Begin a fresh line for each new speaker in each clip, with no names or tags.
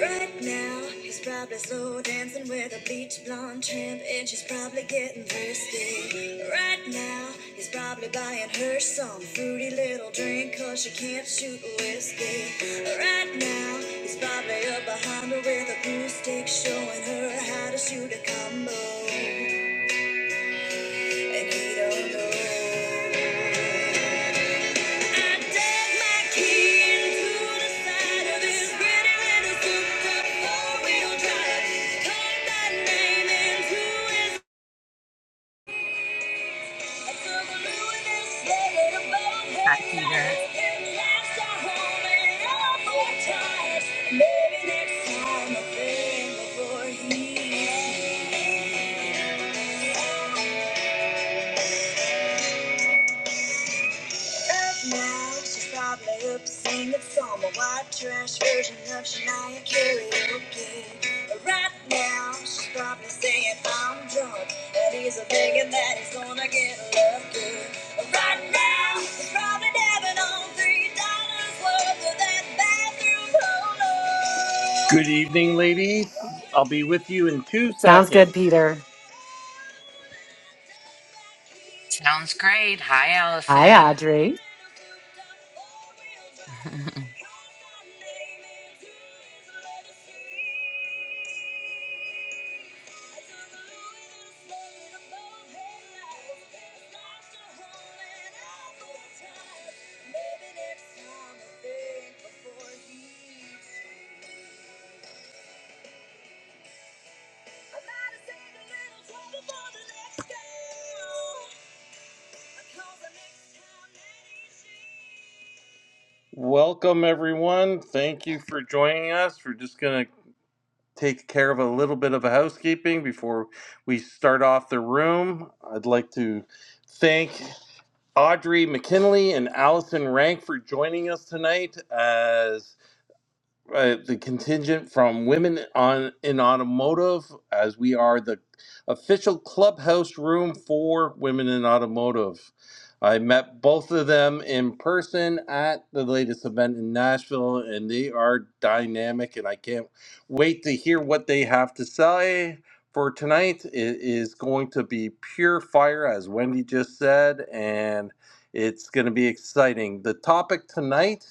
Right now, he's probably slow dancing with a beach blonde tramp, and she's probably getting thirsty. Right now, he's probably buying her some fruity little drink, cause she can't shoot whiskey. Right now, he's probably up behind her with a glue stick, showing her how to shoot a combo. And he don't know. Maybe next time I'll
Hi, Peter.
bring the boy Up now, she's probably up singing from a white trash version of Shania karaoke. Right now, she's probably saying I'm drunk, and he's thinking that he's gonna get lucky. Right now, she's probably dabbing on three dollars worth of that bathroom polo. Good evening, ladies. I'll be with you in two
Sounds good,
seconds.
Peter.
Maybe next
Sounds great. Hi,
Hi,
Allison.
Audrey.
time I'll think before he I'm gonna take a little trouble for the next girl. Welcome, everyone. Thank you for joining us. We're just going to take care of a little bit of a housekeeping before we start off the room. I'd like to thank Audrey McKinley and Allison Rank for joining us tonight. As uh, the contingent from women on in automotive as we are the official clubhouse room for women in automotive i met both of them in person at the latest event in nashville and they are dynamic and i can't wait to hear what they have to say for tonight it is going to be pure fire as wendy just said and it's going to be exciting the topic tonight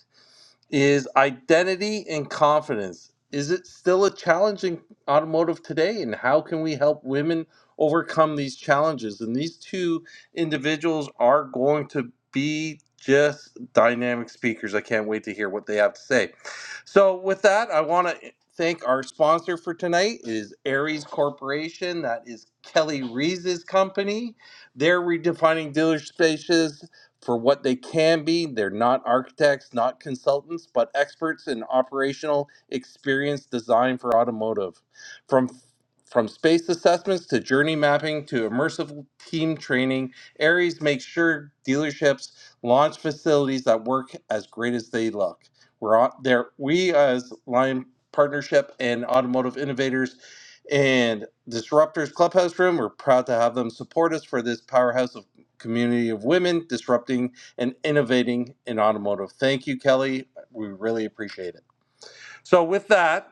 is identity and confidence. Is it still a challenge in automotive today? And how can we help women overcome these challenges? And these two individuals are going to be just dynamic speakers. I can't wait to hear what they have to say. So, with that, I want to thank our sponsor for tonight It is Aries Corporation. That is Kelly Reese's company. They're redefining dealer spaces for what they can be. They're not architects, not consultants, but experts in operational experience design for automotive. From from space assessments to journey mapping to immersive team training, Aries makes sure dealerships launch facilities that work as great as they look. We're on there. We as Lion Partnership and Automotive Innovators and Disruptors Clubhouse Room, we're proud to have them support us for this powerhouse of community of women disrupting and innovating in automotive. Thank you, Kelly. We really appreciate it. So, with that,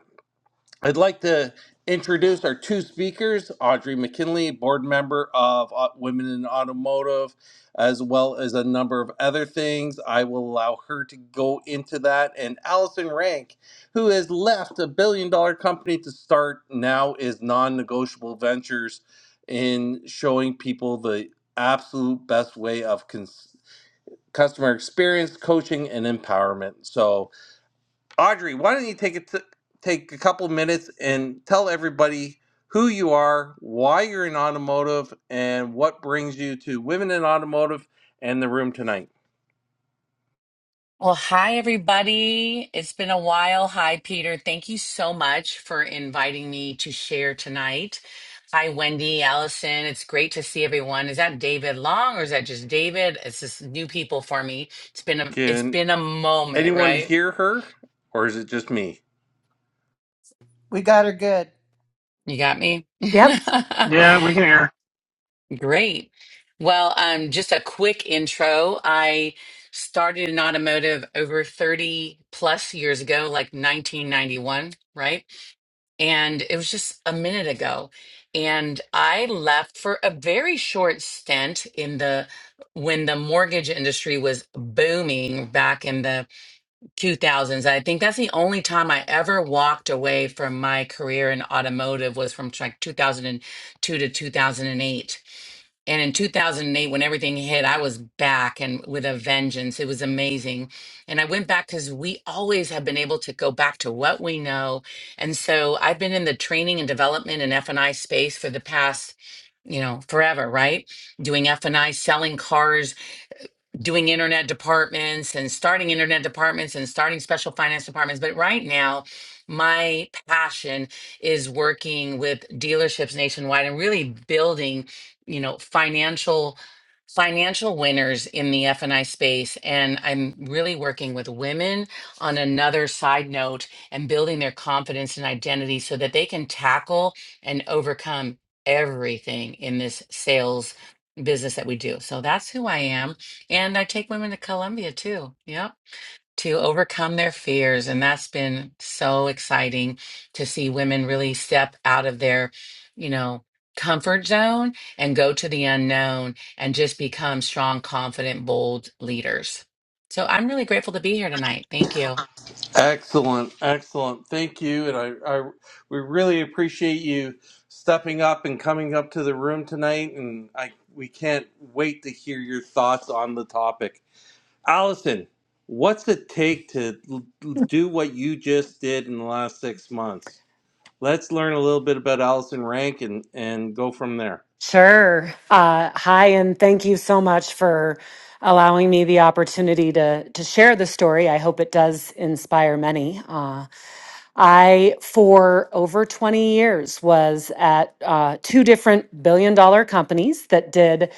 I'd like to introduce our two speakers, Audrey McKinley, board member of Au- Women in Automotive, as well as a number of other things. I will allow her to go into that. And Allison Rank, who has left a billion dollar company to start now is non negotiable ventures in showing people the absolute best way of cons- customer experience, coaching, and empowerment. So, Audrey, why don't you take it take a couple minutes and tell everybody who you are, why you're in automotive, and what brings you to Women in Automotive and the room tonight.
Well, hi, everybody. It's been a while. Hi, Peter. Thank you so much for inviting me to share tonight. Hi, Wendy, Allison. It's great to see everyone. Is that David Long or is that just David? It's just new people for me. It's been a it's
Can
been a moment,
anyone
right?
hear her, or is it just me?
We got her good.
You got me?
Yep,
Yeah, we can hear
Great. Well, um, just a quick intro. I started in automotive over 30 plus years ago, like 1991, right? And it was just a minute ago. And I left for a very short stint in the when the mortgage industry was booming back in the 2000s. I think that's the only time I ever walked away from my career in automotive was from like 2002 to 2008 and in 2008, when everything hit, I was back and with a vengeance. It was amazing. And I went back because we always have been able to go back to what we know. And so I've been in the training and development and F&I space for the past, you know, forever, right? Doing F&I, selling cars, doing internet departments and starting internet departments and starting special finance departments. But right now, my passion is working with dealerships nationwide and really building, you know, financial financial winners in the F&I space and I'm really working with women on another side note and building their confidence and identity so that they can tackle and overcome everything in this sales business that we do. So that's who I am. And I take women to Columbia too. Yep. To overcome their fears. And that's been so exciting to see women really step out of their, you know, comfort zone and go to the unknown and just become strong, confident, bold leaders. So I'm really grateful to be here tonight. Thank you.
Excellent, excellent. Thank you, and I, I we really appreciate you stepping up and coming up to the room tonight. And I we can't wait to hear your thoughts on the topic. Allison, what's it take to l- do what you just did in the last six months? Let's learn a little bit about Allison Rank and, and go from there.
sure. Uh, hi, and thank you so much for allowing me the opportunity to to share the story. I hope it does inspire many. Uh, I, for over 20 years, was at uh, two different billion dollar companies that did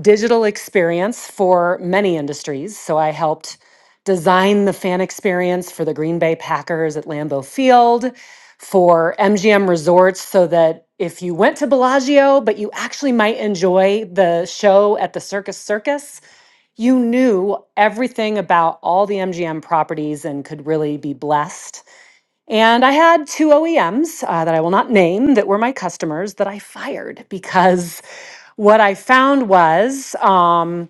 digital experience for many industries. So I helped design the fan experience for the Green Bay Packers at Lambeau Field. for MGM Resorts so that if you went to Bellagio, but you actually might enjoy the show at the Circus Circus, you knew everything about all the MGM properties and could really be blessed. And I had two OEMs uh, that I will not name that were my customers that I fired because what I found was. Um,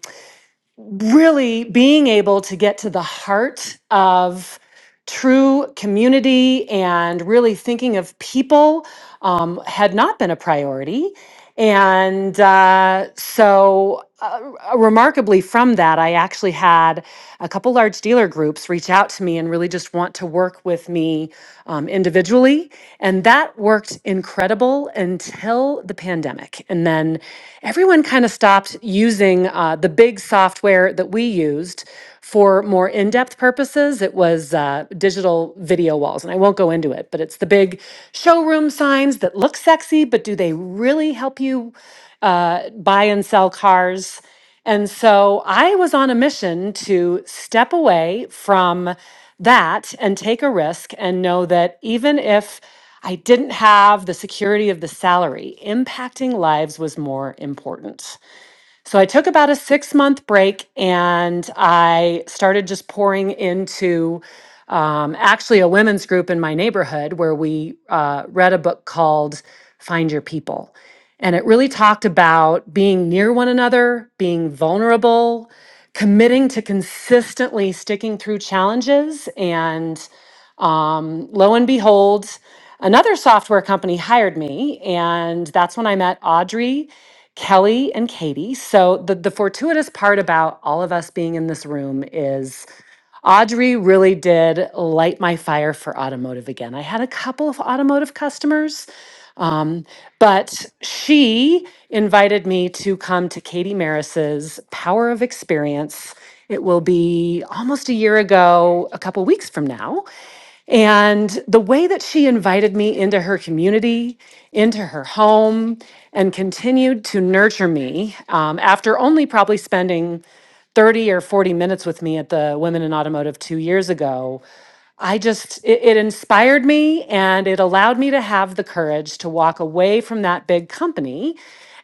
really being able to get to the heart of true community and really thinking of people um, had not been a priority. And uh, so, uh, remarkably, from that, I actually had a couple large dealer groups reach out to me and really just want to work with me um, individually. And that worked incredible until the pandemic. And then everyone kind of stopped using uh, the big software that we used for more in-depth purposes, it was uh, digital video walls, and I won't go into it, but it's the big showroom signs that look sexy, but do they really help you uh, buy and sell cars? And so I was on a mission to step away from that and take a risk and know that even if I didn't have the security of the salary, impacting lives was more important. So I took about a six month break and I started just pouring into um, actually a women's group in my neighborhood where we uh, read a book called Find Your People. And it really talked about being near one another, being vulnerable, committing to consistently sticking through challenges. And um, lo and behold, another software company hired me. And that's when I met Audrey Kelly and Katie. So the the fortuitous part about all of us being in this room is Audrey really did light my fire for automotive again. I had a couple of automotive customers, um, but she invited me to come to Katie Maris's Power of Experience. It will be almost a year ago, a couple weeks from now. And the way that she invited me into her community, into her home, and continued to nurture me um, after only probably spending 30 or 40 minutes with me at the Women in Automotive two years ago, I just, it, it inspired me and it allowed me to have the courage to walk away from that big company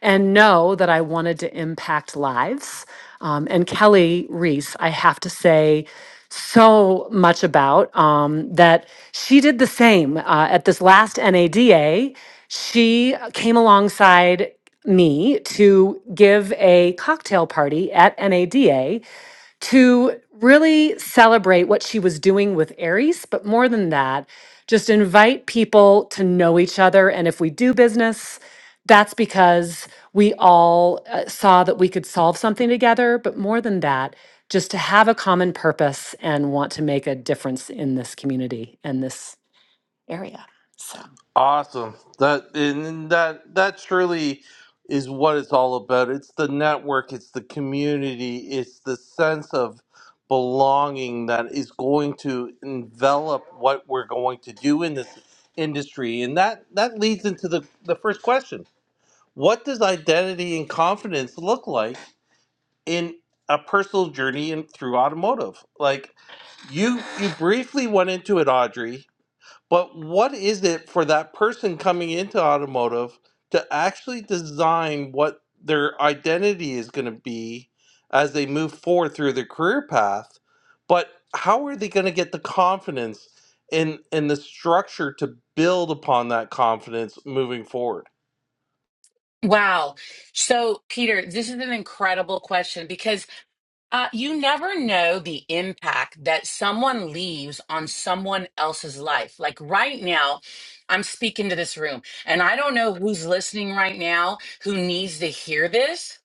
and know that I wanted to impact lives. Um, and Kelly Reese, I have to say, so much about um, that she did the same uh, at this last NADA. She came alongside me to give a cocktail party at NADA to really celebrate what she was doing with Aries. But more than that, just invite people to know each other. And if we do business, that's because we all uh, saw that we could solve something together. But more than that, just to have a common purpose and want to make a difference in this community and this area. So,
Awesome. That and that that surely is what it's all about. It's the network, it's the community, it's the sense of belonging that is going to envelop what we're going to do in this industry. And that that leads into the the first question what does identity and confidence look like in a personal journey and through automotive like you you briefly went into it audrey but what is it for that person coming into automotive to actually design what their identity is going to be as they move forward through their career path but how are they going to get the confidence and and the structure to build upon that confidence moving forward
Wow. So, Peter, this is an incredible question because Uh, you never know the impact that someone leaves on someone else's life. Like right now, I'm speaking to this room, and I don't know who's listening right now who needs to hear this,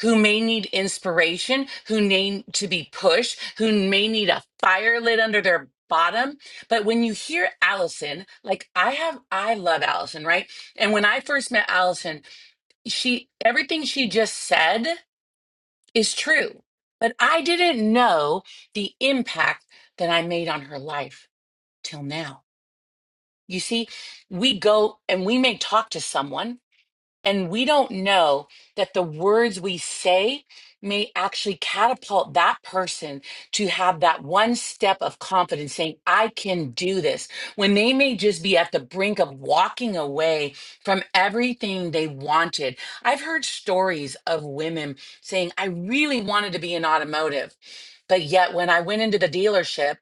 who may need inspiration, who need to be pushed, who may need a fire lit under their bottom. But when you hear Allison, like I have, I love Allison, right? And when I first met Allison, she, everything she just said, is true. But I didn't know the impact that I made on her life till now. You see, we go and we may talk to someone and we don't know that the words we say may actually catapult that person to have that one step of confidence saying, I can do this, when they may just be at the brink of walking away from everything they wanted. I've heard stories of women saying, I really wanted to be in automotive, but yet when I went into the dealership,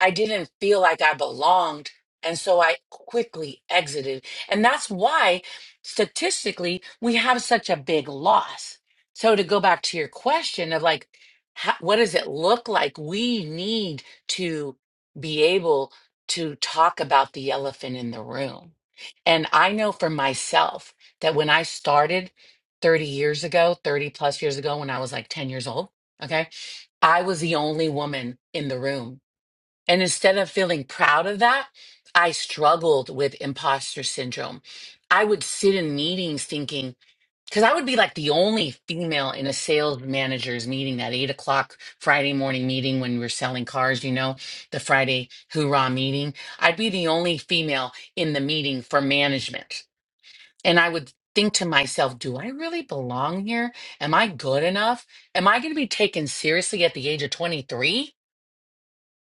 I didn't feel like I belonged. And so I quickly exited. And that's why statistically we have such a big loss so to go back to your question of like how, what does it look like we need to be able to talk about the elephant in the room and i know for myself that when i started 30 years ago 30 plus years ago when i was like 10 years old okay i was the only woman in the room and instead of feeling proud of that, I struggled with imposter syndrome. I would sit in meetings thinking, because I would be like the only female in a sales manager's meeting, that eight o'clock Friday morning meeting when we were selling cars, you know, the Friday hoorah meeting. I'd be the only female in the meeting for management. And I would think to myself, do I really belong here? Am I good enough? Am I going to be taken seriously at the age of 23?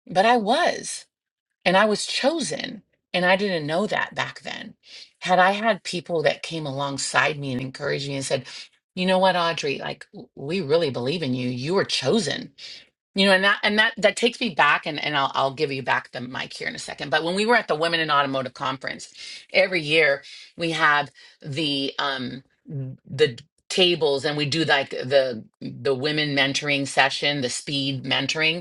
But I was. And I was chosen. And I didn't know that back then. Had I had people that came alongside me and encouraged me and said, you know what, Audrey, like w- we really believe in you. You were chosen. You know, and that and that that takes me back and, and I'll I'll give you back the mic here in a second. But when we were at the Women in Automotive Conference, every year we have the um the tables and we do like the the women mentoring session, the speed mentoring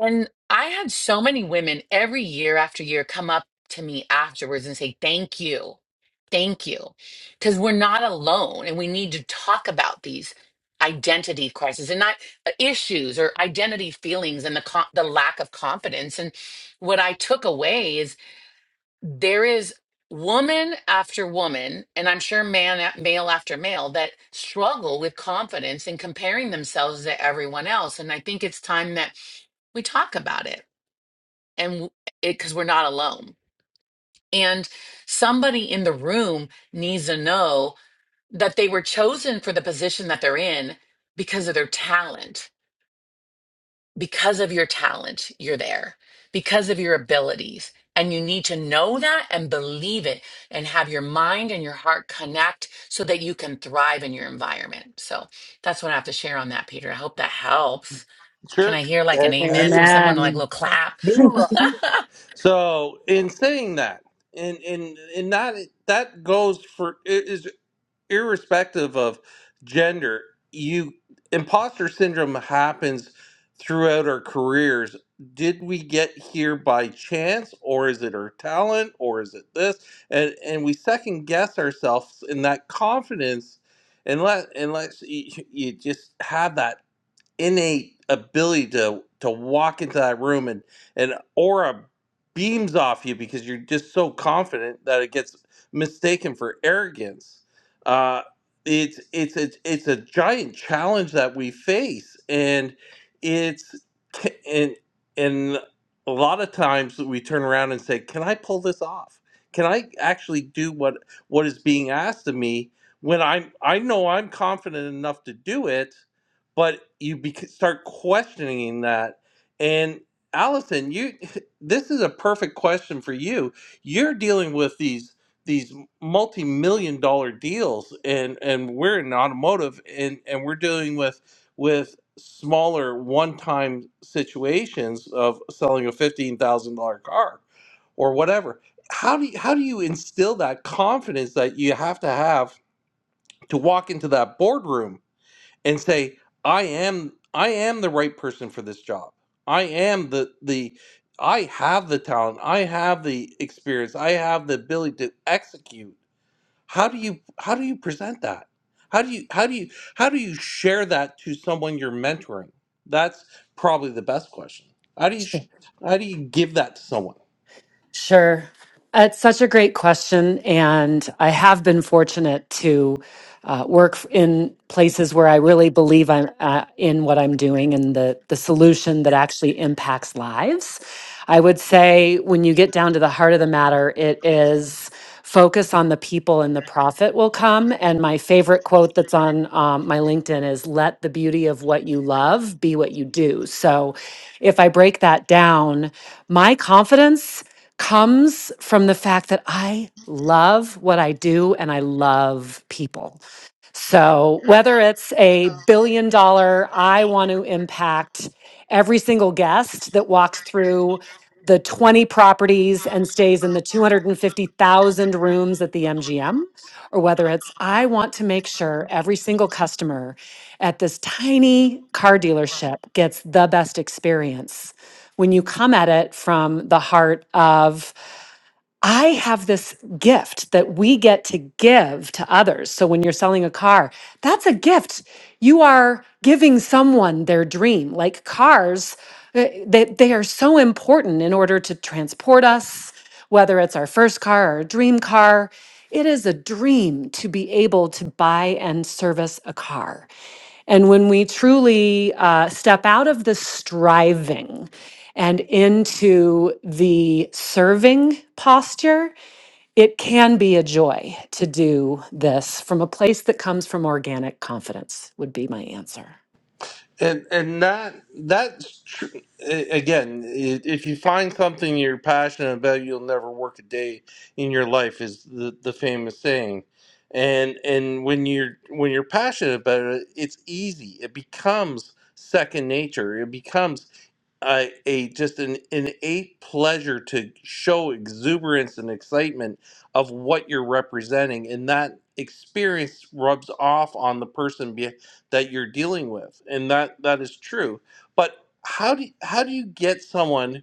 and I had so many women every year after year come up to me afterwards and say, Thank you. Thank you. Because we're not alone and we need to talk about these identity crises and not uh, issues or identity feelings and the, co- the lack of confidence. And what I took away is there is woman after woman, and I'm sure man a- male after male that struggle with confidence and comparing themselves to everyone else. And I think it's time that we talk about it and w- it because we're not alone. And somebody in the room needs to know that they were chosen for the position that they're in because of their talent because of your talent, you're there, because of your abilities. And you need to know that and believe it and have your mind and your heart connect so that you can thrive in your environment. So that's what I have to share on that, Peter. I hope that helps. Can
Sure.
I hear like
I.
an amen
I
from someone, like a
Amen.
little clap?
Hoorah. So, in saying that, and and and that that goes for it is irrespective of gender. You imposter syndrome happens throughout our careers. Did we get here by chance, or is it our talent, or is it this? And and we second guess ourselves in that confidence, unless unless you, you just have that innate ability to to walk into that room and an aura beams off you because you're just so confident that it gets mistaken for arrogance. Uh, it's it's it's it's a giant challenge that we face, and it's ca- and and a lot of times we turn around and say, "Can I pull this off? Can I actually do what what is being asked of me?" When I'm I know I'm confident enough to do it, but you bec- start questioning that and allison you this is a perfect question for you you're dealing with these these multi-million dollar deals and and we're in automotive and and we're dealing with with smaller one-time situations of selling a $15000 car or whatever how do you, how do you instill that confidence that you have to have to walk into that boardroom and say i am i am the right person for this job i am the the i have the talent i have the experience i have the ability to execute how do you how do you present that how do you how do you how do you share that to someone you're mentoring that's probably the best question how do you sh- how do you give that to someone
Sure. Uh, It's such a great question. And I have been fortunate to uh, work f- in places where I really believe I'm uh, in what I'm doing and the, the solution that actually impacts lives. I would say when you get down to the heart of the matter, it is focus on the people and the profit will come. And my favorite quote that's on um, my LinkedIn is let the beauty of what you love be what you do. So if I break that down, my confidence comes from the fact that I love what I do and I love people. So, whether it's a billion dollar, I want to impact every single guest that walks through the 20 properties and stays in the 250,000 rooms at the MGM, or whether it's I want to make sure every single customer at this tiny car dealership gets the best experience. When you come at it from the heart of I have this gift that we get to give to others. So when you're selling a car, that's a gift. You are giving someone their dream. Like cars, uh, they, they are so important in order to transport us, whether it's our first car or a dream car. It is a dream to be able to buy and service a car. And when we truly uh, step out of the striving and into the serving posture, it can be a joy to do this from a place that comes from organic confidence, would be my answer.
And and that that's tr- a- again, i- if you find something you're passionate about, you'll never work a day in your life is the, the famous saying. And and when you're when you're passionate about it, it's easy. It becomes second nature. It becomes a, a just an innate pleasure to show exuberance and excitement of what you're representing and that experience rubs off on the person be, that you're dealing with and that that is true but how do how do you get someone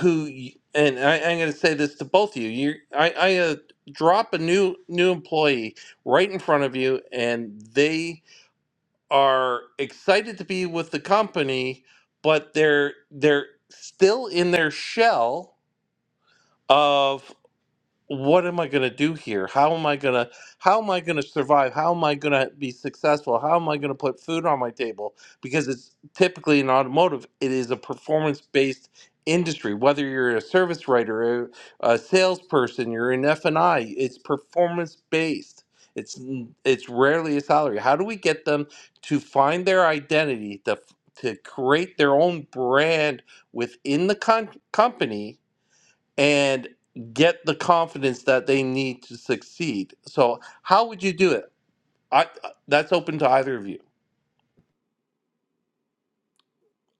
who y- and I, I'm going to say this to both of you you I, I uh, drop a new new employee right in front of you and they are excited to be with the company, but they're they're still in their shell of what am I going to do here? How am I going to how am I going to survive? How am I going to be successful? How am I going to put food on my table? Because it's typically in automotive, it is a performance-based industry. Whether you're a service writer, a, a salesperson, you're in F&I, it's performance-based. It's n- it's rarely a salary. How do we get them to find their identity, to f- to create their own brand within the con- company? and get the confidence that they need to succeed. So, how would you do it? I, that's open to either of you.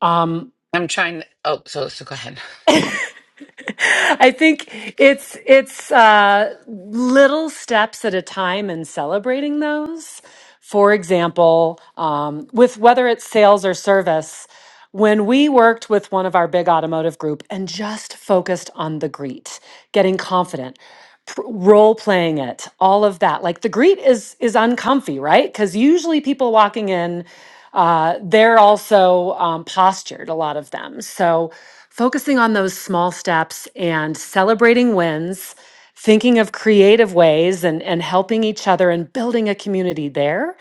Um,
I'm trying. oh, so so go ahead.
I think it's it's uh, little steps at a time and celebrating those. For example, um, with whether it's sales or service, when we worked with one of our big automotive group and just focused on the greet, getting confident, pr- role playing it, all of that. Like the greet is is uncomfy, right? Because usually people walking in, uh, they're also um, postured. A lot of them. So focusing on those small steps and celebrating wins thinking of creative ways and, and helping each other and building a community there.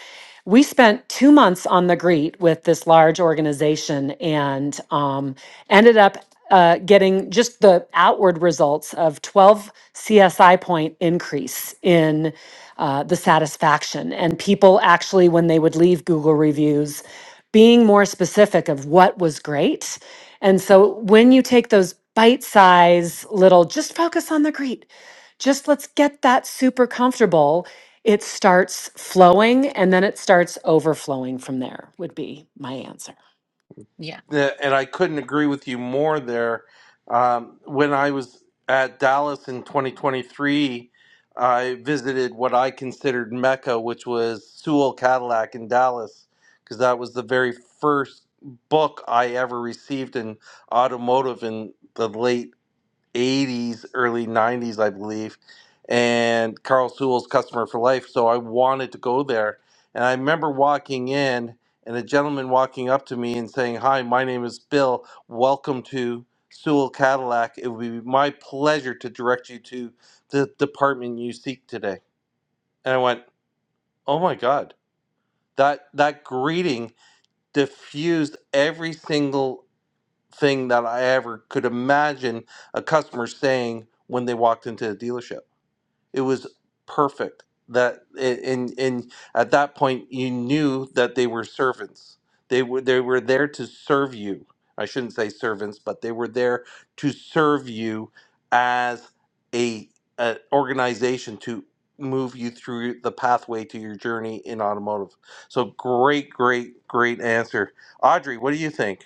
We spent two months on the greet with this large organization and um, ended up uh, getting just the outward results of 12 CSI point increase in uh, the satisfaction. And people actually, when they would leave Google reviews, being more specific of what was great. And so when you take those bite size little, just focus on the greet just let's get that super comfortable. It starts flowing and then it starts overflowing from there, would be my answer.
Yeah.
Yeah, And I couldn't agree with you more there. Um, when I was at Dallas in 2023, I visited what I considered Mecca, which was Sewell Cadillac in Dallas, because that was the very first book I ever received in automotive in the late 80s, early 90s, I believe. And Carl Sewell's Customer for Life. So I wanted to go there. And I remember walking in and a gentleman walking up to me and saying, Hi, my name is Bill. Welcome to Sewell Cadillac. It would be my pleasure to direct you to the department you seek today. And I went, Oh my God. That that greeting diffused every single thing that I ever could imagine a customer saying when they walked into a dealership. It was perfect. That and and at that point you knew that they were servants. They were they were there to serve you. I shouldn't say servants, but they were there to serve you as a, a organization to move you through the pathway to your journey in automotive. So great, great, great answer. Audrey, what do you think?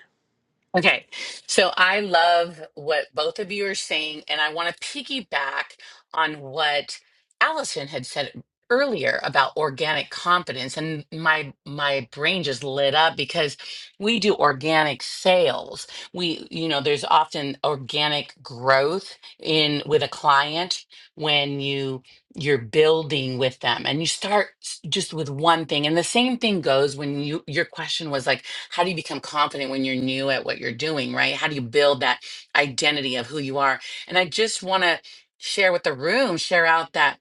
Okay. So I love what both of you are saying, and I want to piggyback on what Allison had said earlier about organic competence. And my my brain just lit up because we do organic sales. We, you know, there's often organic growth in with a client when you you're building with them and you start s- just with one thing. And the same thing goes when you your question was like, how do you become confident when you're new at what you're doing, right? How do you build that identity of who you are? And I just want to share with the room, share out that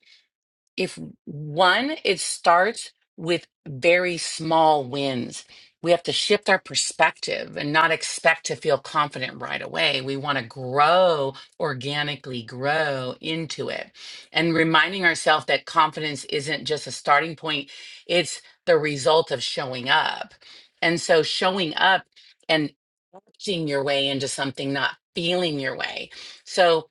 if one, it starts with very small wins. We have to shift our perspective and not expect to feel confident right away. We want to grow organically, grow into it. And reminding ourselves that confidence isn't just a starting point, it's the result of showing up. And so showing up and acting your way into something, not feeling your way. So,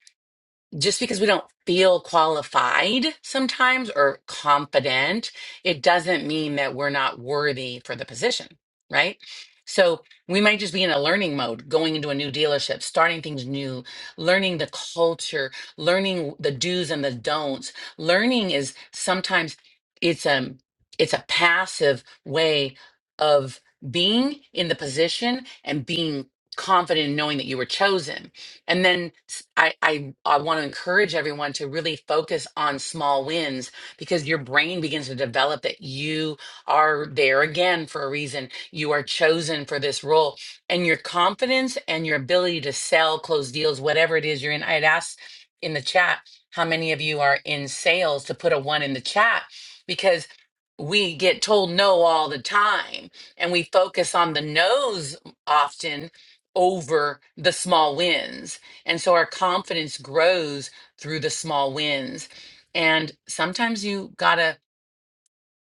just because we don't feel qualified sometimes or confident, it doesn't mean that we're not worthy for the position, right? So we might just be in a learning mode, going into a new dealership, starting things new, learning the culture, learning the do's and the don'ts. Learning is sometimes it's um it's a passive way of being in the position and being confident in knowing that you were chosen and then s- I, I, I want to encourage everyone to really focus on small wins because your brain begins to develop that you are there again for a reason. You are chosen for this role. And your confidence and your ability to sell, close deals, whatever it is you're in. I had asked in the chat how many of you are in sales to put a one in the chat because we get told no all the time and we focus on the no's often over the small wins and so our confidence grows through the small wins. And sometimes you gotta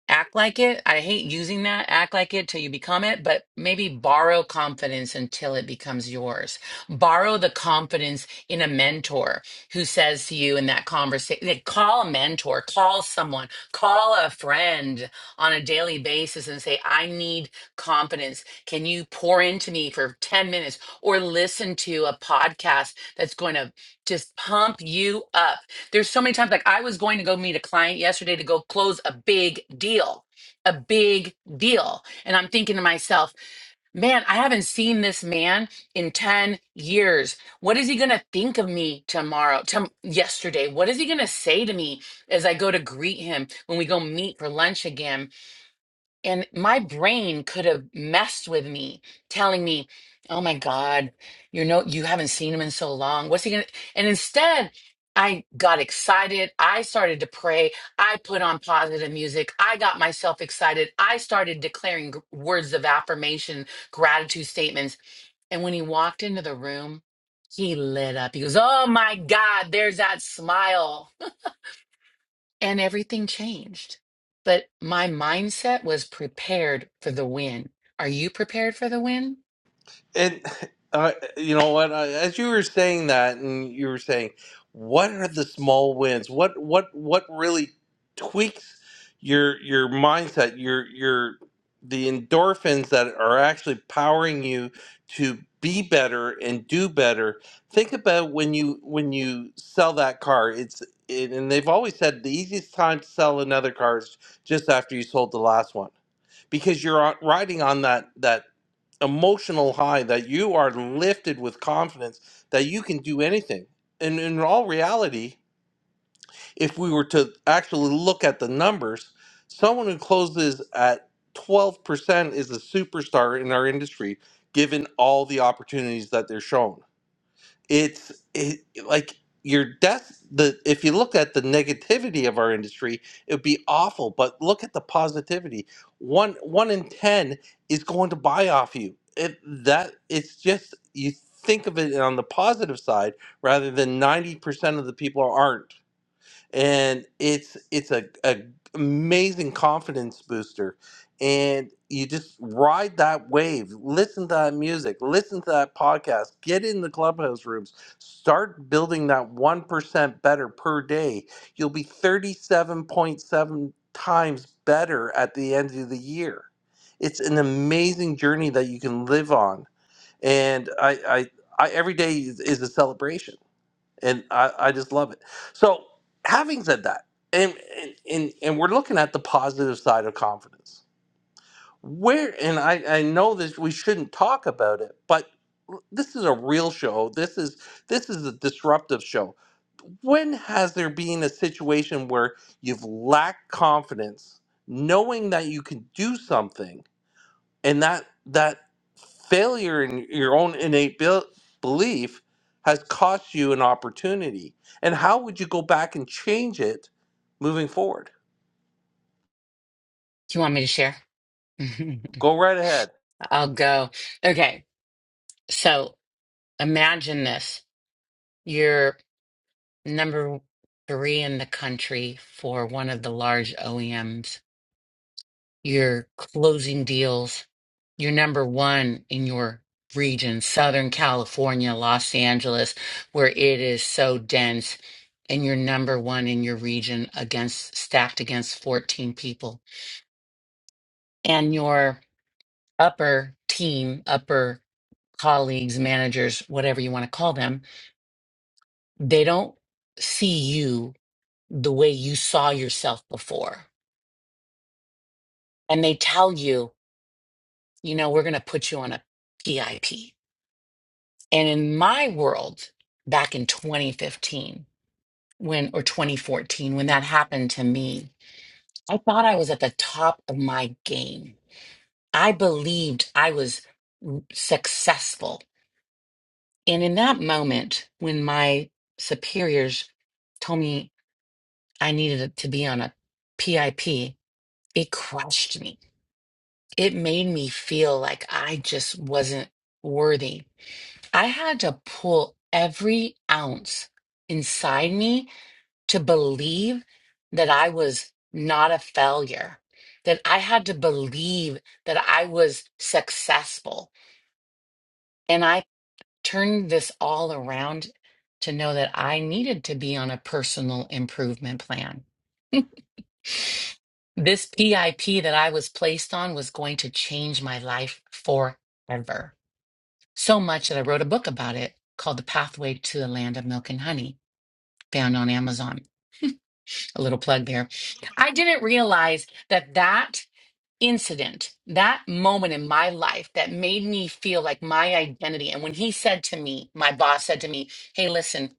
act like it. I hate using that, act like it till you become it, but maybe borrow confidence until it becomes yours. Borrow the confidence in a mentor who says to you in that conversation, call a mentor, call someone, call a friend on a daily basis and say, I need confidence. Can you pour into me for 10 minutes or listen to a podcast that's going to just pump you up? There's so many times like I was going to go meet a client yesterday to go close a big deal, a big deal. And I'm thinking to myself, man, I haven't seen this man in 10 years. What is he going to think of me tomorrow, tom- yesterday? What is he going to say to me as I go to greet him when we go meet for lunch again? And my brain could have messed with me, telling me, "Oh my God, you know, you haven't seen him in so long. What's he gonna?" And instead, I got excited. I started to pray. I put on positive music. I got myself excited. I started declaring gr- words of affirmation, gratitude statements. And when he walked into the room, he lit up. He goes, "Oh my God, there's that smile." and everything changed. But my mindset was prepared for the win. Are you prepared for the win?
And uh, you know what? I, as you were saying that, and you were saying, what are the small wins? What what what really tweaks your your mindset? Your your the endorphins that are actually powering you to be better and do better. Think about when you when you sell that car. It's it, and they've always said the easiest time to sell another car is just after you sold the last one because you're on- riding on that that emotional high that you are lifted with confidence that you can do anything. And in all reality, if we were to actually look at the numbers, someone who closes at 12% is a superstar in our industry, given all the opportunities that they're shown it's it, like your death the if you look at the negativity of our industry it would be awful but look at the positivity one one in ten is going to buy off you it, that it's just you think of it on the positive side rather than 90% of the people aren't and it's it's a, a amazing confidence booster and you just ride that wave listen to that music listen to that podcast get in the clubhouse rooms start building that 1% better per day you'll be 37.7 times better at the end of the year it's an amazing journey that you can live on and i i, I every day is, is a celebration and I, I just love it. So, having said that, and, and and and we're looking at the positive side of confidence. Where and I I know that we shouldn't talk about it, but this is a real show. This is this is a disruptive show. When has there been a situation where you've lacked confidence, knowing that you can do something? and that that failure in your own innate bel- belief has cost you an opportunity and how would you go back and change it moving forward
Do you want me to share?
go right ahead
I'll go. Okay. So imagine this. You're number three in the country for one of the large OEMs. you're closing deals. You're number one in your region, Southern California, Los Angeles, where it is so dense, and you're number one in your region against stacked against 14 people. And your upper team, upper colleagues, managers, whatever you want to call them, they don't see you the way you saw yourself before. And they tell you, you know, we're going to put you on a PIP And in my world, back in 2015, when or 2014, when that happened to me, I thought I was at the top of my game. I believed I was successful. And in that moment, when my superiors told me I needed to be on a PIP, it crushed me. It made me feel like I just wasn't worthy. I had to pull every ounce inside me to believe that I was not a failure, that I had to believe that I was successful. And I turned this all around to know that I needed to be on a personal improvement plan. This PIP that I was placed on was going to change my life forever. So much that I wrote a book about it called The Pathway to the Land of Milk and Honey, found on Amazon. A little plug there. I didn't realize that that incident, that moment in my life that made me feel like my identity. And when he said to me, my boss said to me, Hey, listen,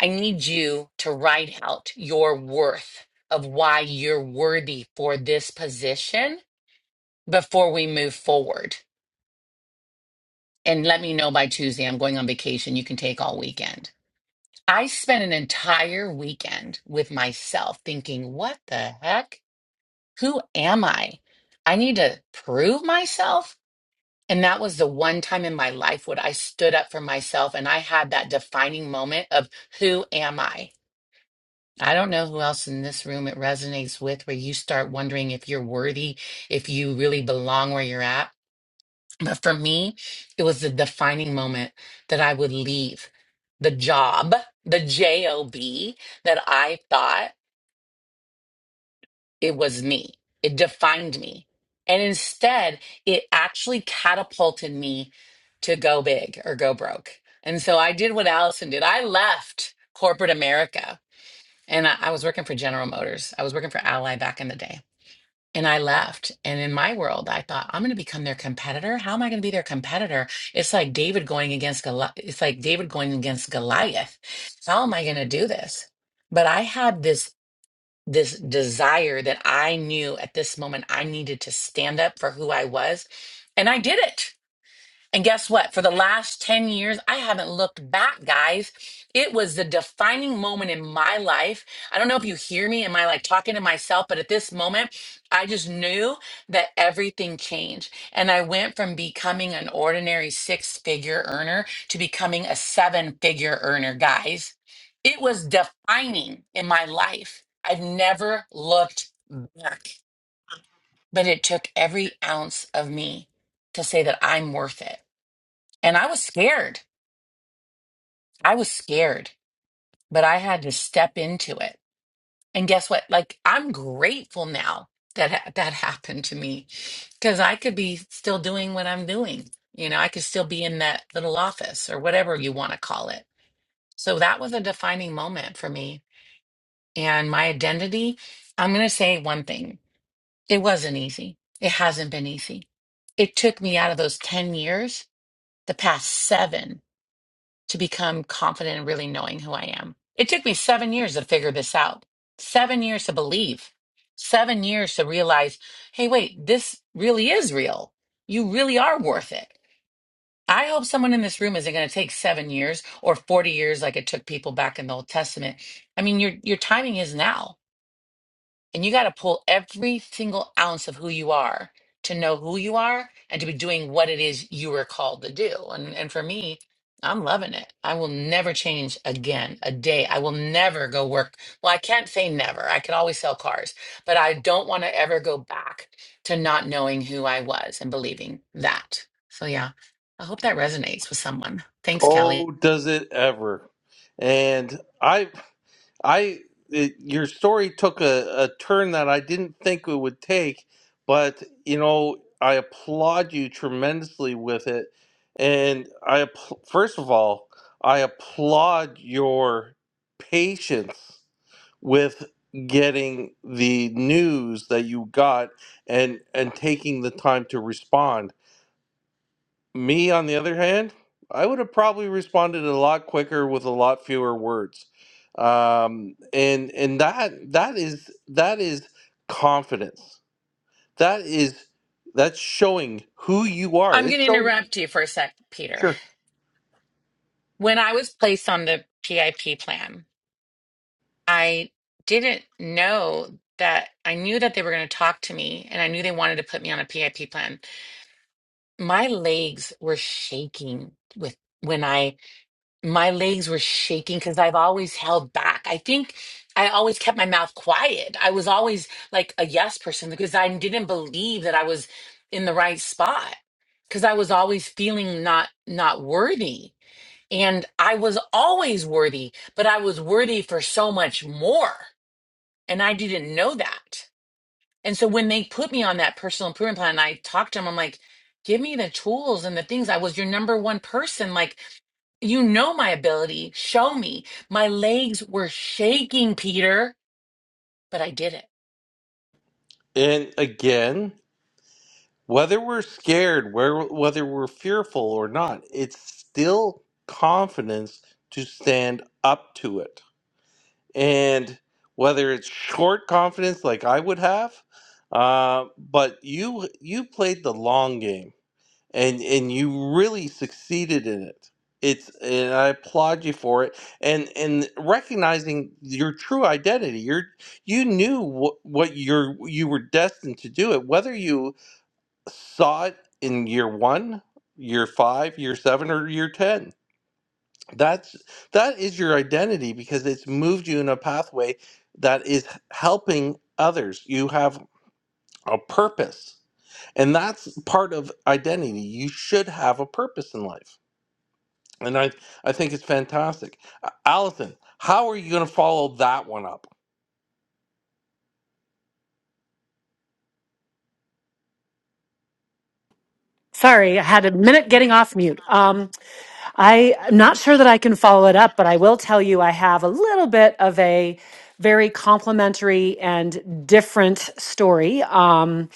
I need you to write out your worth of why you're worthy for this position before we move forward. And let me know by Tuesday. I'm going on vacation. You can take all weekend. I spent an entire weekend with myself thinking, What the heck? Who am I? I need to prove myself And that was the one time in my life when I stood up for myself and I had that defining moment of who am I? I don't know who else in this room it resonates with where you start wondering if you're worthy, if you really belong where you're at. But for me, it was the defining moment that I would leave the job, the job that I thought it was me. It defined me. And instead, it actually catapulted me to go big or go broke. And so I did what Allison did. I left corporate America and I, I was working for General Motors. I was working for Ally back in the day. And I left. And in my world, I thought, I'm going to become their competitor. How am I going to be their competitor? It's like David going against Goliath. It's like David going against Goliath. How am I going to do this? But I had this this desire that I knew at this moment I needed to stand up for who I was. And I did it. And guess what? For the last 10 years, I haven't looked back, guys. It was the defining moment in my life. I don't know if you hear me. Am I like talking to myself? But at this moment, I just knew that everything changed. And I went from becoming an ordinary six figure earner to becoming a seven figure earner, guys. It was defining in my life. I've never looked back, but it took every ounce of me to say that I'm worth it. And I was scared. I was scared, but I had to step into it. And guess what? Like I'm grateful now that ha- that happened to me because I could be still doing what I'm doing. You know, I could still be in that little office or whatever you want to call it. So that was a defining moment for me and my identity. I'm going to say one thing. It wasn't easy. It hasn't been easy. It took me out of those 10 years, the past 7 to become confident in really knowing who I am. It took me seven years to figure this out, seven years to believe, seven years to realize, hey, wait, this really is real. You really are worth it. I hope someone in this room isn't going to take seven years or 40 years like it took people back in the Old Testament. I mean, your, your timing is now and you got to pull every single ounce of who you are to know who you are and to be doing what it is you were called to do. And and for me, I'm loving it. I will never change again a day. I will never go work. Well, I can't say never. I could always sell cars, but I don't want to ever go back to not knowing who I was and believing that. So yeah, I hope that resonates with someone. Thanks, Kelly.
oh does it ever and i I it, your story took a, a turn that I didn't think it would take, but you know I applaud you tremendously with it, and I app- first of all I applaud your patience with getting the news that you got and and taking the time to respond. Me, on the other hand, I would have probably responded a lot quicker with a lot fewer words. Um, and and that that is that is confidence. That is that's showing who you are.
I'm going
It's
to
showing
interrupt you for a sec, Peter.
sure.
When I was placed on the PIP plan, I didn't know that I knew that they were going to talk to me and I knew they wanted to put me on a PIP plan. My legs were shaking with when I my legs were shaking cuz I've always held back. I think I always kept my mouth quiet. I was always like a yes person because I didn't believe that I was in the right spot cuz I was always feeling not not worthy. And I was always worthy, but I was worthy for so much more and I didn't know that. And so when they put me on that personal improvement plan, and I talked to them, I'm like, give me the tools and the things. I was your number one person. Like, you know my ability. Show me. My legs were shaking, Peter, but I did it.
And again, whether we're scared, where whether we're fearful or not, it's still confidence to stand up to it and whether it's short confidence like I would have, uh, but you you played the long game and and you really succeeded in it. It's and I applaud you for it and and recognizing your true identity. You're you knew what what you're you were destined to do it, whether you saw it in year one, year five, year seven, or year ten that's that is your identity because it's moved you in a pathway that is helping others you have a purpose and that's part of identity you should have a purpose in life and i i think it's fantastic A- allison how are you going to follow that one up
Sorry, I had a minute getting off mute. Um, I- I'm not sure that I can follow it up, but I will tell you I have a little bit of a very complimentary and different story. Um,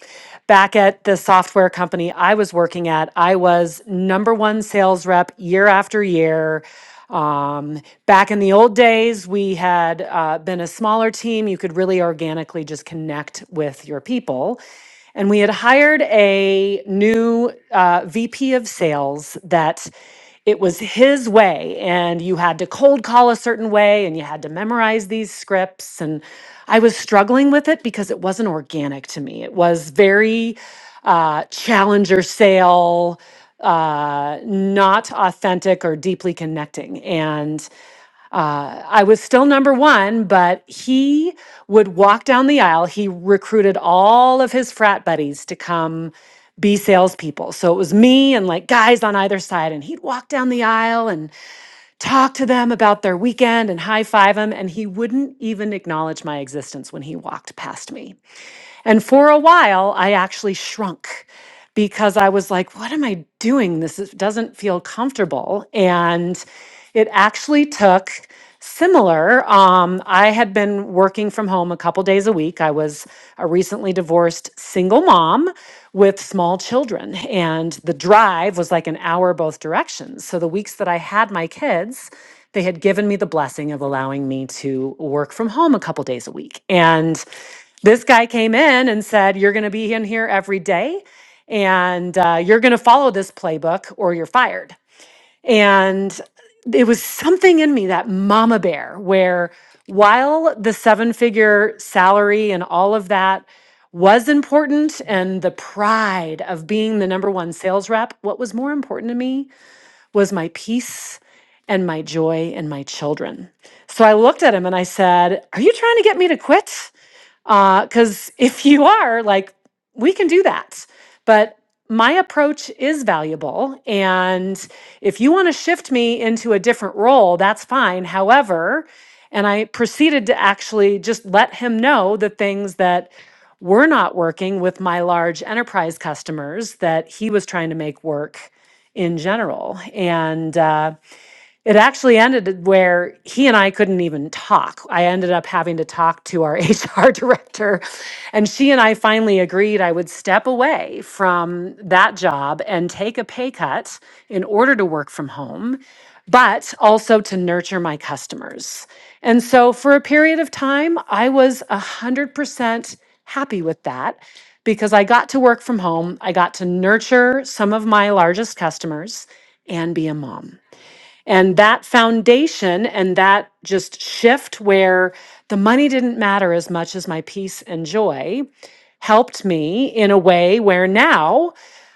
back at the software company I was working at, I was number one sales rep year after year. Um, back in the old days, we had uh, been a smaller team. You could really organically just connect with your people. And we had hired a new uh, VP of sales that it was his way and you had to cold call a certain way and you had to memorize these scripts and i was struggling with it because it wasn't organic to me it was very uh, challenger sale uh, not authentic or deeply connecting and uh, I was still number one, but he would walk down the aisle. He recruited all of his frat buddies to come be salespeople. So it was me and like guys on either side. And he'd walk down the aisle and talk to them about their weekend and high five them. And he wouldn't even acknowledge my existence when he walked past me. And for a while, I actually shrunk because I was like, what am I doing? This is- doesn't feel comfortable. And it actually took similar. Um, I had been working from home a couple days a week. I was a recently divorced single mom with small children, and the drive was like an hour both directions. So the weeks that I had my kids, they had given me the blessing of allowing me to work from home a couple days a week. And this guy came in and said, You're going to be in here every day and uh, you're going to follow this playbook or you're fired. And it was something in me, that mama bear, where while the seven figure salary and all of that was important and the pride of being the number one sales rep, what was more important to me was my peace and my joy and my children. So I looked at him and I said, Are you trying to get me to quit? Because if you are, like, we can do that. But my approach is valuable. And if you want to shift me into a different role, that's fine. However, and I proceeded to actually just let him know the things that were not working with my large enterprise customers that he was trying to make work in general. And, uh, it actually ended where he and I couldn't even talk. I ended up having to talk to our HR director, and she and I finally agreed I would step away from that job and take a pay cut in order to work from home, but also to nurture my customers. And so for a period of time, I was 100% happy with that because I got to work from home. I got to nurture some of my largest customers and be a mom. And that foundation and that just shift where the money didn't matter as much as my peace and joy helped me in a way where now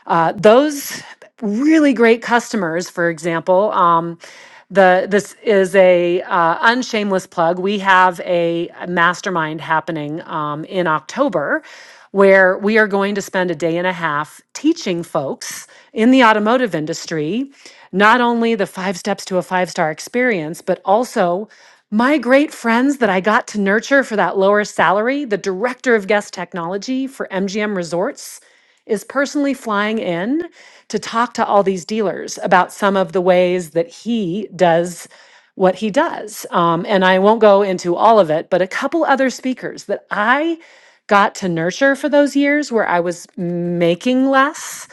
uh, those really great customers, for example. Um, the this is a uh, unshameless plug. We have a mastermind happening um, in October where we are going to spend a day and a half teaching folks in the automotive industry not only the five steps to a five star experience, but also my great friends that I got to nurture for that lower salary, the director of guest technology for MGM Resorts is personally flying in to talk to all these dealers about some of the ways that he does what he does. Um, and I won't go into all of it, but a couple other speakers that I got to nurture for those years where I was making less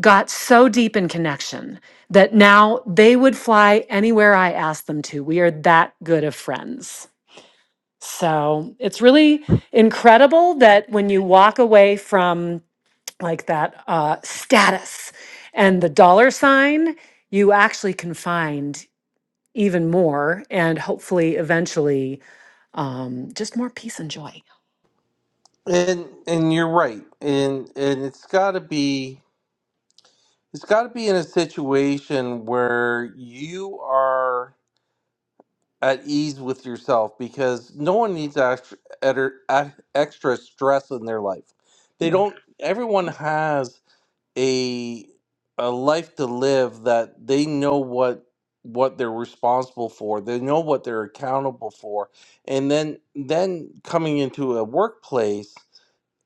got so deep in connection that now they would fly anywhere I asked them to. We are that good of friends. So it's really incredible that when you walk away from like that uh, status and the dollar sign you actually can find even more and hopefully eventually um, just more peace and joy
and and you're right and and it's got to be it's got to be in a situation where you are at ease with yourself because no one needs extra, extra stress in their life. They
Yeah.
don't. Everyone has a a life to live that they know what what they're responsible for. They know what they're accountable for, and then then coming into a workplace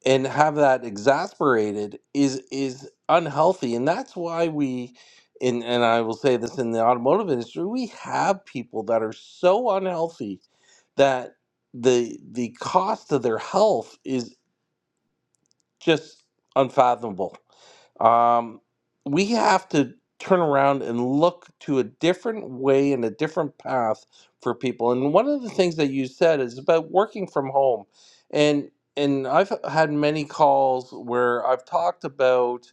and have that exasperated is is unhealthy and that's why we and, and i will say this in the automotive industry we have people that are so unhealthy that the the cost of their health is just unfathomable. Um, we have to turn around and look to a different way and a different path for people. And one of the things that you said is about working from home, and and I've had many calls where I've talked about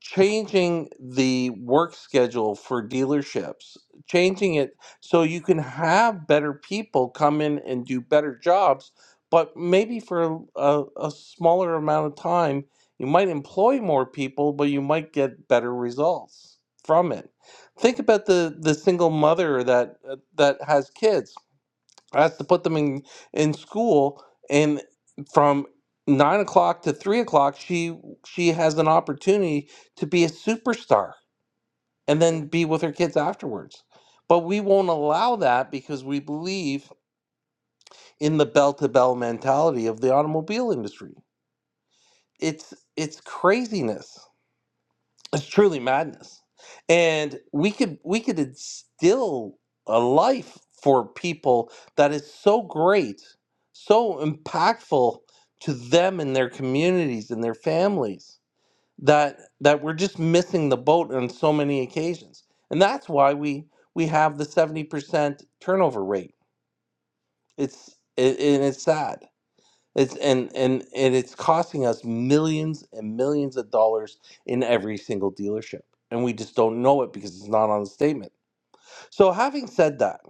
changing the work schedule for dealerships, changing it so you can have better people come in and do better jobs, but maybe for a, a, a smaller amount of time. You might employ more people, but you might get better results from it. Think about the, the single mother that uh, that has kids that's to put them in in school, and from nine o'clock to three o'clock, she she has an opportunity to be a superstar and then be with her kids afterwards. But we won't allow that because we believe in the bell to bell mentality of the automobile industry. It's it's craziness. it's truly madness and we could we could instill a life for people that is so great so impactful to them and their communities and their families that that we're just missing the boat on so many occasions and that's why we we have the 70% turnover rate it's it, and it's sad it's, and and and it's costing us millions and millions of dollars in every single dealership, and we just don't know it because it's not on the statement. So, having said that,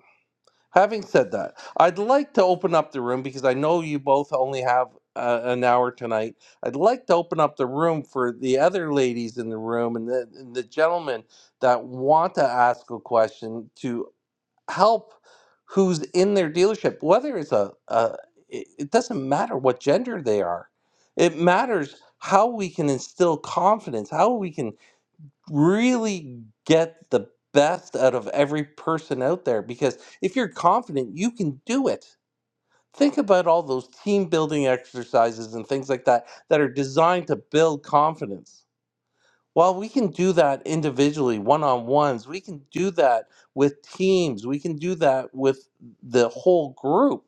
having said that, I'd like to open up the room because I know you both only have uh, an hour tonight. I'd like to open up the room for the other ladies in the room and the, and the gentlemen that want to ask a question to help who's in their dealership, whether it's a, a it, it doesn't matter what gender they are. It matters how we can instill confidence, how we can really get the best out of every person out there. Because if you're confident, you can do it. Think about all those team building exercises and things like that that are designed to build confidence. While we can do that individually, one on ones, we can do that with teams, we can do that with the whole group.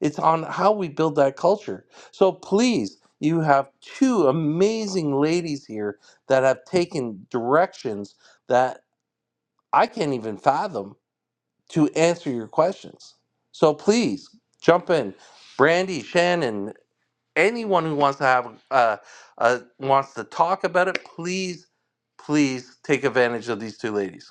It's on how we build that culture. So please, you have two amazing ladies here that have taken directions that I can't even fathom to answer your questions. So please jump in. Brandy, Shannon, anyone who wants to have uh, uh, wants to talk about it, please, please take advantage of these two ladies.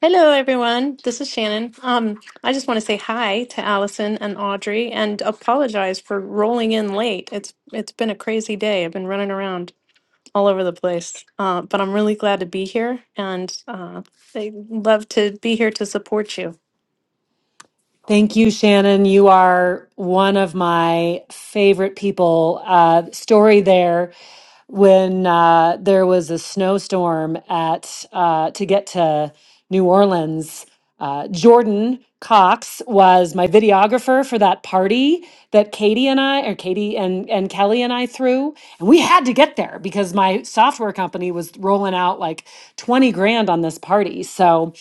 Hello, everyone. This is Shannon. Um, I just want to say hi to Allison and Audrey and apologize for rolling in late. It's it's been a crazy day. I've been running around all over the place, uh, but I'm really glad to be here, and uh, I love to be here to support you.
Thank you, Shannon. You are one of my favorite people. Uh, story there when uh, there was a snowstorm at uh, to get to New Orleans. Uh, Jordan Cox was my videographer for that party that Katie and I, or Katie and, and Kelly and I threw. And we had to get there because my software company was rolling out like 20 grand on this party. So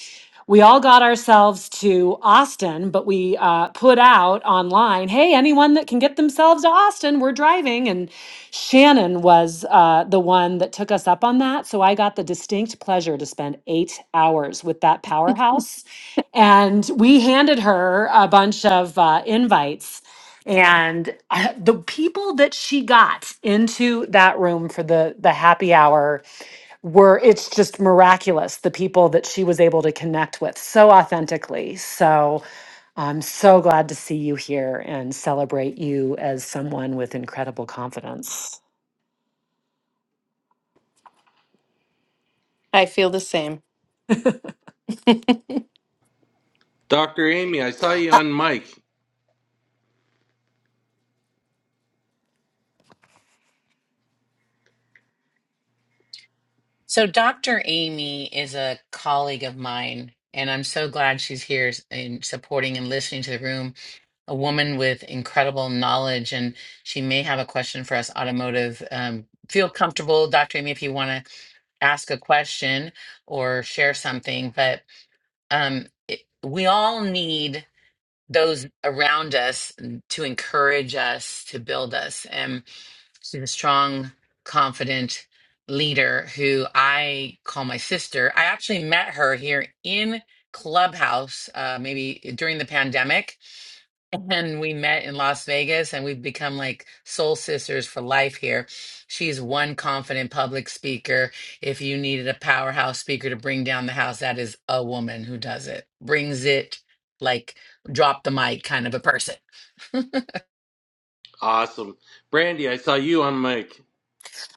we all got ourselves to Austin, but we uh, put out online, hey, anyone that can get themselves to Austin, we're driving. And Shannon was uh, the one that took us up on that. So I got the distinct pleasure to spend eight hours with that powerhouse. And we handed her a bunch of uh, invites. And uh, the people that she got into that room for the, the happy hour were it's just miraculous the people that she was able to connect with so authentically so i'm so glad to see you here and celebrate you as someone with incredible confidence
I feel the same.
Dr. Amy, I saw you on mic.
So, Dr. Amy is a colleague of mine, and I'm so glad she's here and supporting and listening to the room. A woman with incredible knowledge, and she may have a question for us, automotive. Um, feel comfortable, Dr. Amy, if you want to ask a question or share something but um it, we all need those around us to encourage us to build us and she's a strong confident leader who i call my sister i actually met her here in clubhouse uh maybe during the pandemic and we met in Las Vegas and we've become like soul sisters for life here. She's one confident public speaker. If you needed a powerhouse speaker to bring down the house, that is a woman who does it. Brings it like drop the mic kind of a person.
Awesome. Brandy, I saw you on mic.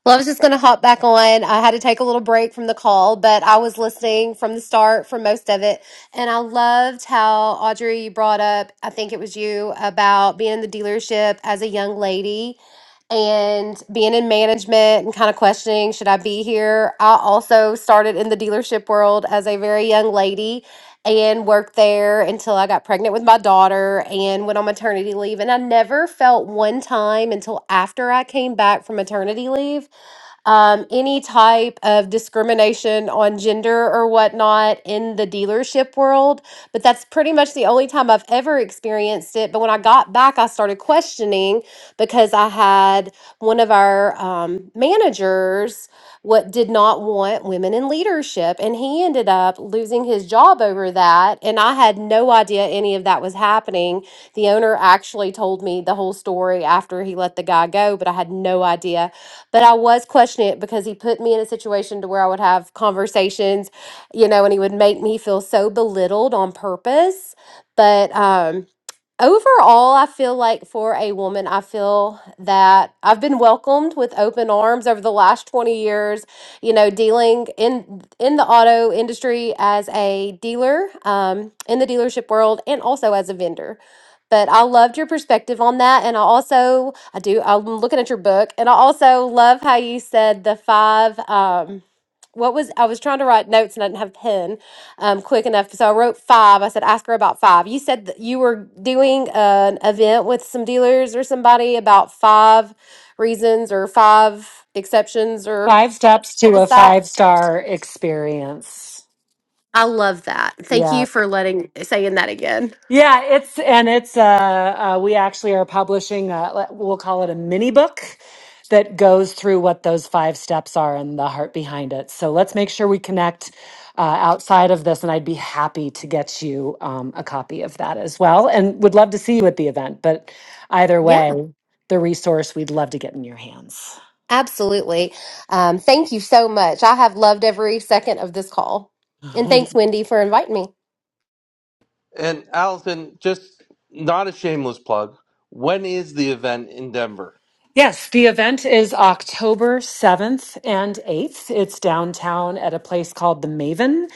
Well, I was just going to hop back on. I had to take a little break from the call, but I was listening from the start for most of it. And I loved how Audrey you brought up, I think it was you, about being in the dealership as a young lady and being in management and kind of questioning, should I be here? I also started in the dealership world as a very young lady and worked there until I got pregnant with my daughter and went on maternity leave. And I never felt one time until after I came back from maternity leave um, any type of discrimination on gender or whatnot in the dealership world. But that's pretty much the only time I've ever experienced it. But when I got back, I started questioning because I had one of our um, managers what did not want women in leadership and he ended up losing his job over that and i had no idea any of that was happening the owner actually told me the whole story after he let the guy go but i had no idea but I was questioning it because he put me in a situation to where I would have conversations, you know, and he would make me feel so belittled on purpose. But um Overall, I feel like for a woman, I feel that I've been welcomed with open arms over the last 20 years, you know, dealing in in the auto industry as a dealer, um, in the dealership world and also as a vendor. But I loved your perspective on that. And I also, I do, I'm looking at your book and I also love how you said the five, um, what was, I was trying to write notes and I didn't have a pen um, quick enough. So I wrote five. I said, ask her about five. You said that you were doing an event with some dealers or somebody about five reasons or five exceptions or
five steps
what
to a
was
five
that?
star experience
I love that. Thank you for letting saying that again.
Yeah, it's and it's uh, uh we actually are publishing uh le- we'll call it a mini book that goes through what those five steps are and the heart behind it. So let's make sure we connect uh, outside of this, and I'd be happy to get you um, a copy of that as well, and would love to see you at the event. But either
Yeah,
way, the resource we'd love to get in your hands.
absolutely. Um, thank you so much. I have loved every second of this call. And thanks, Wendy, for inviting me.
And Allison, just not a shameless plug. When is the event in Denver?
Yes, the event is October 7th and 8th. It's downtown at a place called The Maven.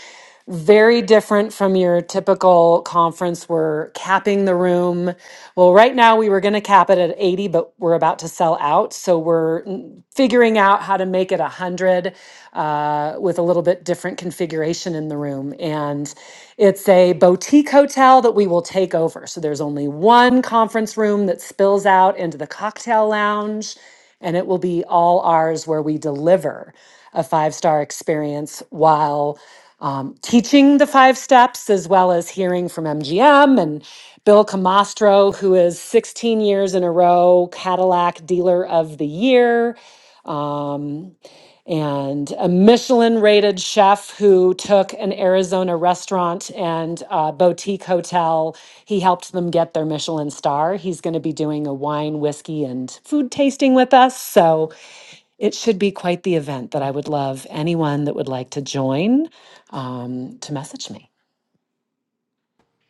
Very different from your typical conference. We're capping the room. Well, right now we were going to cap it at 80, but we're about to sell out. So we're mm, figuring out how to make it 100 uh, with a little bit different configuration in the room. And it's a boutique hotel that we will take over. So there's only one conference room that spills out into the cocktail lounge, and it will be all ours where we deliver a five star experience while um, teaching the five steps as well as hearing from MGM Bill Camastro, who is 16 years in a row Cadillac Dealer of the Year, um, and a Michelin rated chef who took an Arizona restaurant and uh, boutique hotel. He helped them get their Michelin star. He's going to be doing a wine, whiskey, and food tasting with us. So it should be quite the event that I would love anyone that would like to join um, to message me.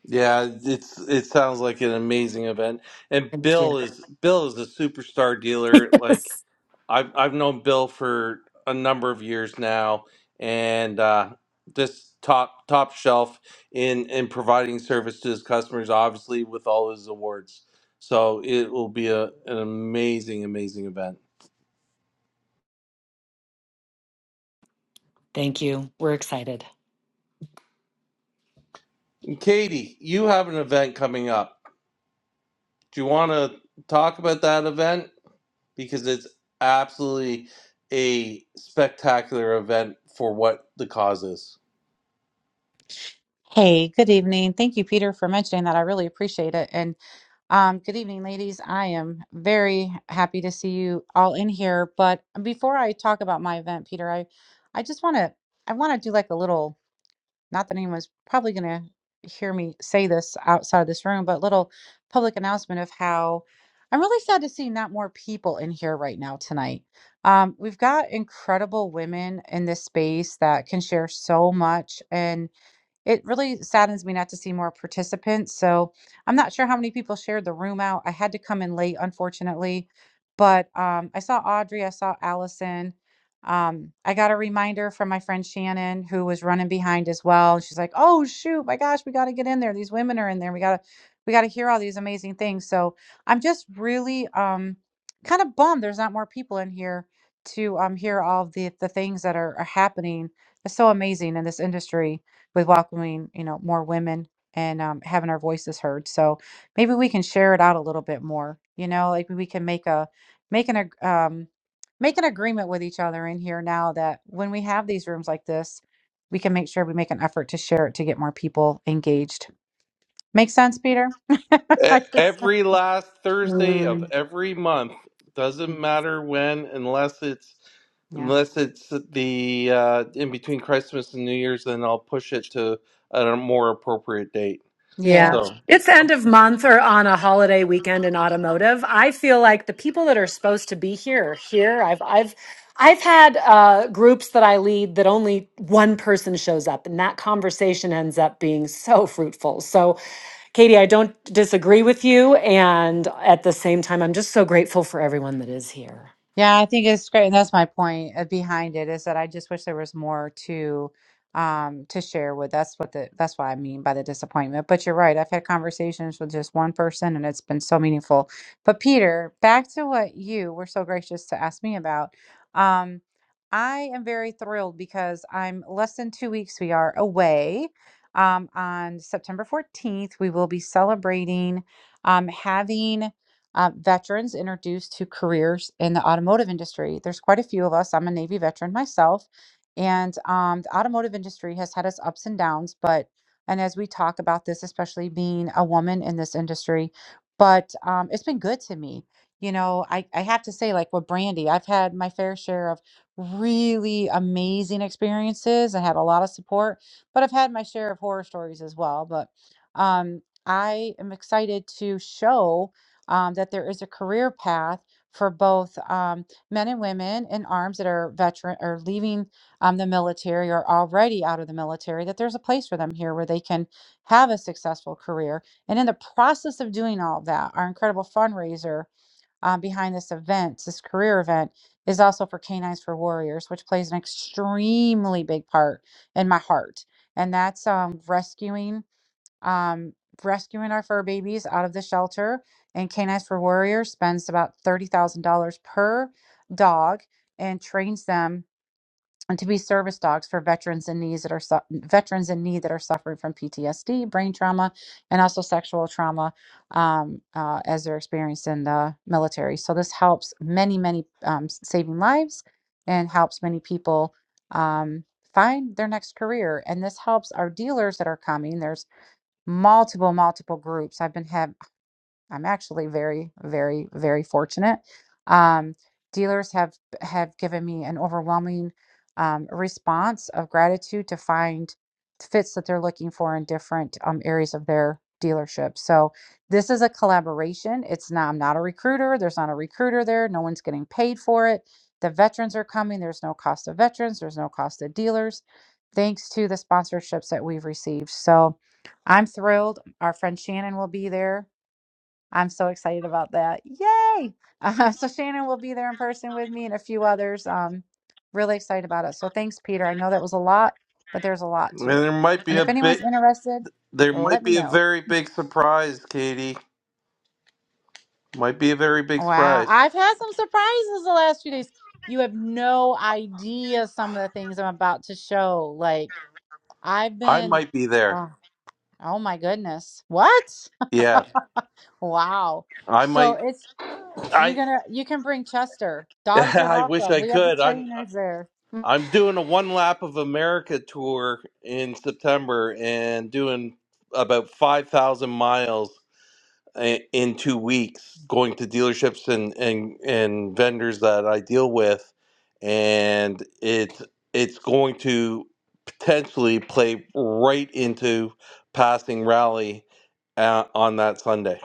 Yeah, it's it sounds like an amazing event. And
Thank you.
Bill is Bill is a superstar dealer. Like I've I've known Bill for a number of years now, and uh, this top top shelf in in providing service to his customers, obviously with all his awards. So it will be a, an amazing, amazing event.
Thank you. We're excited.
And Katie, you have an event coming up. Do you want to talk about that event because it's absolutely a spectacular event for what the cause is?
Hey, good evening. Thank you, Peter, for mentioning that. I really appreciate it. And um, good evening, ladies. I am very happy to see you all in here. But before I talk about my event, Peter, I, I just want to, I want to do like a little, not that anyone's probably going to hear me say this outside of this room, but little public announcement of how I'm really sad to see not more people in here right now tonight. Um, we've got incredible women in this space that can share so much. and. It really saddens me not to see more participants. So I'm not sure how many people shared the room out. I had to come in late, unfortunately, but um, I saw Audrey, I saw Allison. Um, I got a reminder from my friend Shannon, who was running behind as well. She's like, "Oh shoot, my gosh, we got to get in there. These women are in there. We gotta, we gotta hear all these amazing things." So I'm just really um, kind of bummed there's not more people in here to um, hear all of the the things that are, are happening. It's so amazing in this industry with welcoming you know more women and um, having our voices heard so maybe we can share it out a little bit more you know like we can make a make an ag- um, make an agreement with each other in here now that when we have these rooms like this we can make sure we make an effort to share it to get more people engaged make sense peter
E-
I just-
Every last Thursday of
Mm,
every month doesn't matter when, unless it's
yeah
unless it's the uh, in between Christmas and New Year's. Then I'll push it to a more appropriate date.
yeah
yeah.
So
It's end of month or on a holiday weekend in automotive. I feel like the people that are supposed to be here are here. I've I've I've had uh, groups that I lead that only one person shows up, and that conversation ends up being so fruitful. So, Katie, I don't disagree with you, and at the same time, I'm just so grateful for everyone that is here.
Yeah, I think it's great, and that's my point uh, behind it is that I just wish there was more to um to share with. That's what the that's what I mean by the disappointment. But you're right. I've had conversations with just one person and it's been so meaningful. But Peter, back to what you were so gracious to ask me about. Um I am very thrilled because I'm less than 2 weeks we are away. Um on September 14th, we will be celebrating um having uh, veterans introduced to careers in the automotive industry. There's quite a few of us. I'm a Navy veteran myself, and um, the automotive industry has had its ups and downs. But and as we talk about this, especially being a woman in this industry, but um, it's been good to me. You know, I, I have to say, like with Brandy, I've had my fair share of really amazing experiences. I had a lot of support, but I've had my share of horror stories as well. But um, I am excited to show um, that there is a career path for both um, men and women in arms that are veteran or leaving um, the military or already out of the military that there's a place for them here where they can have a successful career and in the process of doing all that our incredible fundraiser um, behind this event this career event is also for canines for warriors which plays an extremely big part in my heart and that's um, rescuing um, rescuing our fur babies out of the shelter. And Canines for Warriors spends about $30,000 per dog and trains them to be service dogs for veterans in need that are su- veterans in need that are suffering from PTSD, brain trauma, and also sexual trauma um, uh, as they're experienced in the military. So this helps many, many um, s- saving lives and helps many people um, find their next career. And this helps our dealers that are coming. There's multiple multiple groups i've been having I'm actually very, very, very fortunate. Um, dealers have have given me an overwhelming um, response of gratitude to find fits that they're looking for in different um, areas of their dealership. So this is a collaboration. It's not. I'm not a recruiter. There's not a recruiter there. No one's getting paid for it. The veterans are coming. There's no cost of veterans. There's no cost of dealers. Thanks to the sponsorships that we've received. So I'm thrilled. Our friend Shannon will be there I'm so excited about that. Yay! Uh, so Shannon will be there in person with me and a few others. Um, really excited about it. So thanks, Peter. I know that was a lot, but there's a lot
and
to it.
there might be
And if
a bit.
anyone's interested,
There
let
might
me
be a
know.
very big surprise, Katie. Might be a very big
Wow,
surprise.
I've had some surprises the last few days. You have no idea some of the things I'm about to show. Like I've
I
been,
might be there.
oh, oh my goodness, what?
Yeah,
wow.
I
So
might.
it's You're
I
gonna you can bring Chester. Dogs are
I wish
welcome.
I
We have the
could. I'm.
trainers there.
I'm doing a one lap of America tour in September and doing about 5,000 miles i- in two weeks, going to dealerships and, and, and vendors that I deal with. And it's, it's going to potentially play right into passing rally uh, on that Sunday.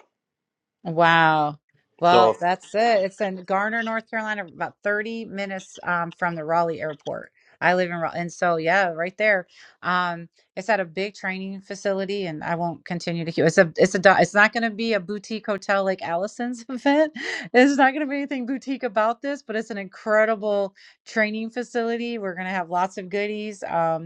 Wow.
So
Well,
if
that's it. It's in Garner, North Carolina, about 30 minutes um, from the Raleigh airport. I live in Raleigh. And so, yeah, right there. Um, it's at a big training facility, and I won't continue to keep it's a it's a do- it's not gonna be a boutique hotel like Allison's event. It's not gonna be anything boutique about this, but it's an incredible training facility. We're gonna have lots of goodies. Um,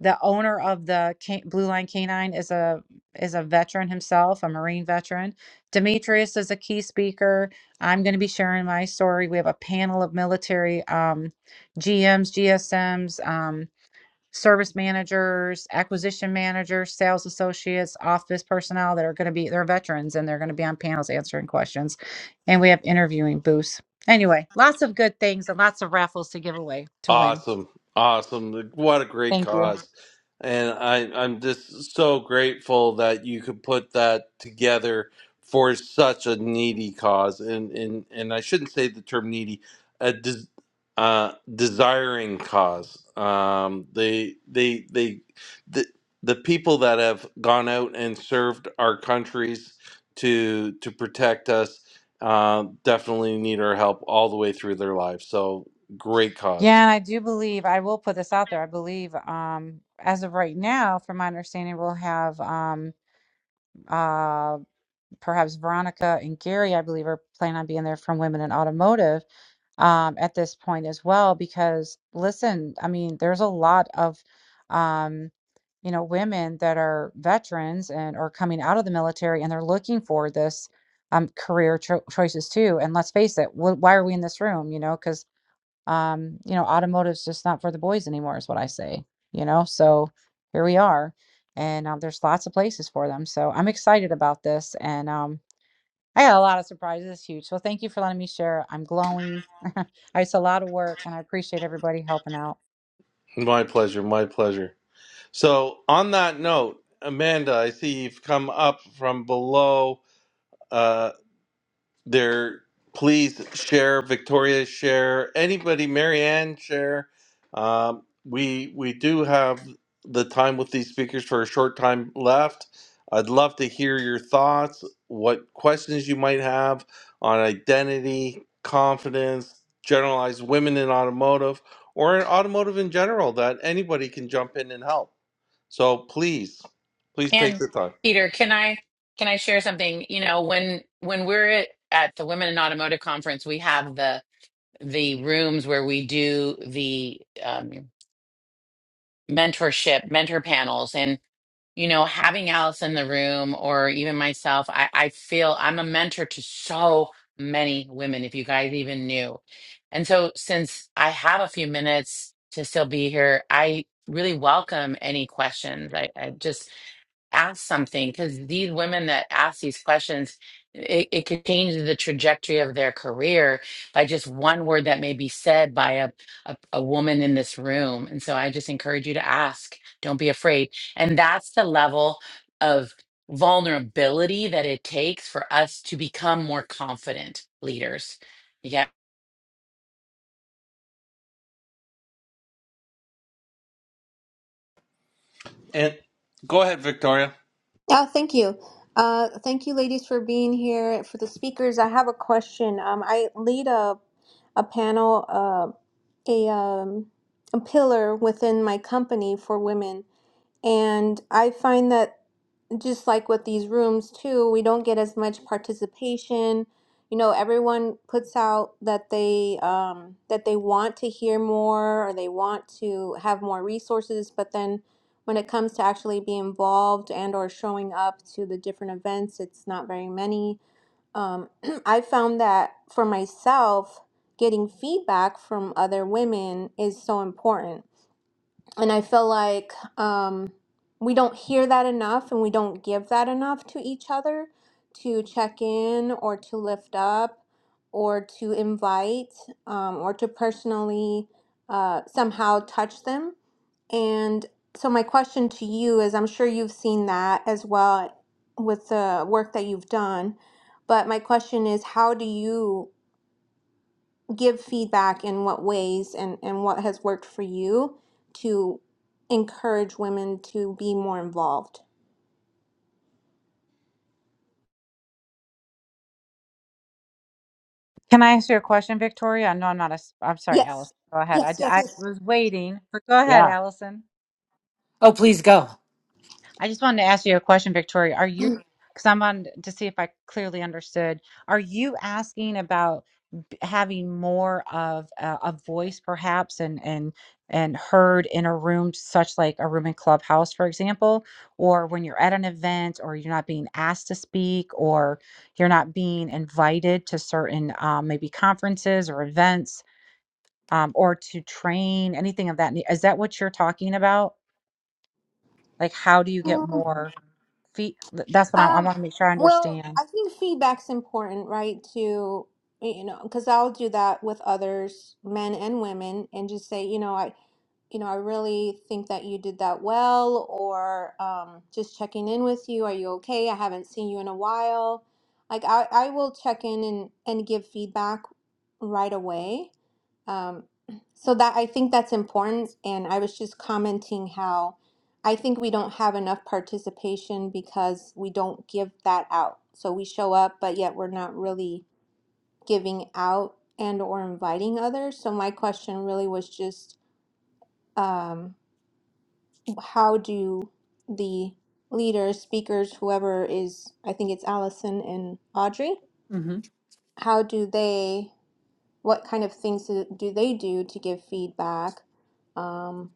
the owner of the can- Blue Line Canine is a is a veteran himself, a Marine veteran. Demetrius is a key speaker. I'm going to be sharing my story. We have a panel of military um, GMs, GSMs, um, service managers, acquisition managers, sales associates, office personnel that are going to be they're veterans and they're going to be on panels answering questions, and we have interviewing booths. Anyway, lots of good things and lots of raffles to give away to win.
Awesome. Awesome. Like, What a great
Thank you.
cause. And I, I'm just so grateful that you could put that together for such a needy cause. And, and, and I shouldn't say the term needy, a des, uh, desiring cause. Um, they, they, they, the, the people that have gone out and served our countries to, to protect us uh, definitely need our help all the way through their lives. So great
Yeah,
cause.
and I do believe I will put this out there. I believe, um, as of right now, from my understanding, we'll have um, uh, perhaps Veronica and Gary. I believe are planning on being there from Women in Automotive um, at this point as well. Because listen, I mean, there's a lot of um, you know women that are veterans and are coming out of the military, and they're looking for this um, career cho choices too. And let's face it, wh why are we in this room? You know, because um, you know, automotive's just not for the boys anymore, is what I say, you know? So here we are. And um, there's lots of places for them. So I'm excited about this. And um, I got a lot of surprises. It's huge. So thank you for letting me share. I'm glowing. it's a lot of work, and I appreciate everybody helping out.
My pleasure, my pleasure. So, on that note, Amanda, I see you've come up from below. uh, there please share victoria share anybody marianne share um, we we do have the time with these speakers for a short time left i'd love to hear your thoughts what questions you might have on identity confidence generalized women in automotive or in automotive in general that anybody can jump in and help so please please take
And
the time
Peter, can I can I share something? You know, when when we're at, at the Women in Automotive conference, we have the the rooms where we do the um mentorship mentor panels and. you know, having Alice in the room or even myself, I, I feel I'm a mentor to so many women, if you guys even knew. And so, since I have a few minutes to still be here, I really welcome any questions. I, I just ask something because these women that ask these questions it, it could change the trajectory of their career by just one word that may be said by a, a, a woman in this room and so i just encourage you to ask don't be afraid and that's the level of vulnerability that it takes for us to become more confident leaders yeah
and go ahead victoria
Yeah, thank you. Uh, thank you, ladies, for being here. For the speakers, I have a question. Um, I lead a a panel, uh, a um, a pillar within my company for women, and I find that just like with these rooms too, we don't get as much participation. You know, everyone puts out that they um, that they want to hear more or they want to have more resources, but then when it comes to actually be involved and or showing up to the different events, it's not very many. Um, I found that for myself, getting feedback from other women is so important and I feel like um, we don't hear that enough and we don't give that enough to each other to check in or to lift up or to invite um, or to personally uh, somehow touch them. And so, my question to you is I'm sure you've seen that as well with the work that you've done. But my question is, how do you? give feedback in what ways and, and what has worked for you to encourage women to be more involved?
Can I ask you a question, Victoria? I know I'm not a, s- I'm sorry,
Yes.
Allison. Go ahead. I,
Yes,
d-
yes,
I
yes.
was waiting, but go ahead,
Yeah.
Allison.
Oh, please go.
I just wanted to ask you a question, Victoria. Are you, because I'm on to see if I clearly understood, are you asking about? having more of a, a voice perhaps and and and heard in a room such like a room in clubhouse for example or when you're at an event or you're not being asked to speak or you're not being invited to certain um, maybe conferences or events um, or to train anything of that na- is that what you're talking about like how do you get
Mm,
more feet that's what i, I
Um,
want to make sure i
well,
understand
I think feedback's important, right? To, you know, because I'll do that with others, men and women, and just say, you know, I, you know, I really think that you did that well, or um, just checking in with you. Are you okay? I haven't seen you in a while. Like, I, I will check in and, and give feedback right away. Um, so that I think that's important. And I was just commenting how I think we don't have enough participation because we don't give that out. So we show up, but yet we're not really giving out and or inviting others. So my question really was just, um, how do the leaders, speakers, whoever is, I think it's Allison and Audrey,
Mm-hmm.
how do they, what kind of things do do they do to give feedback? Um,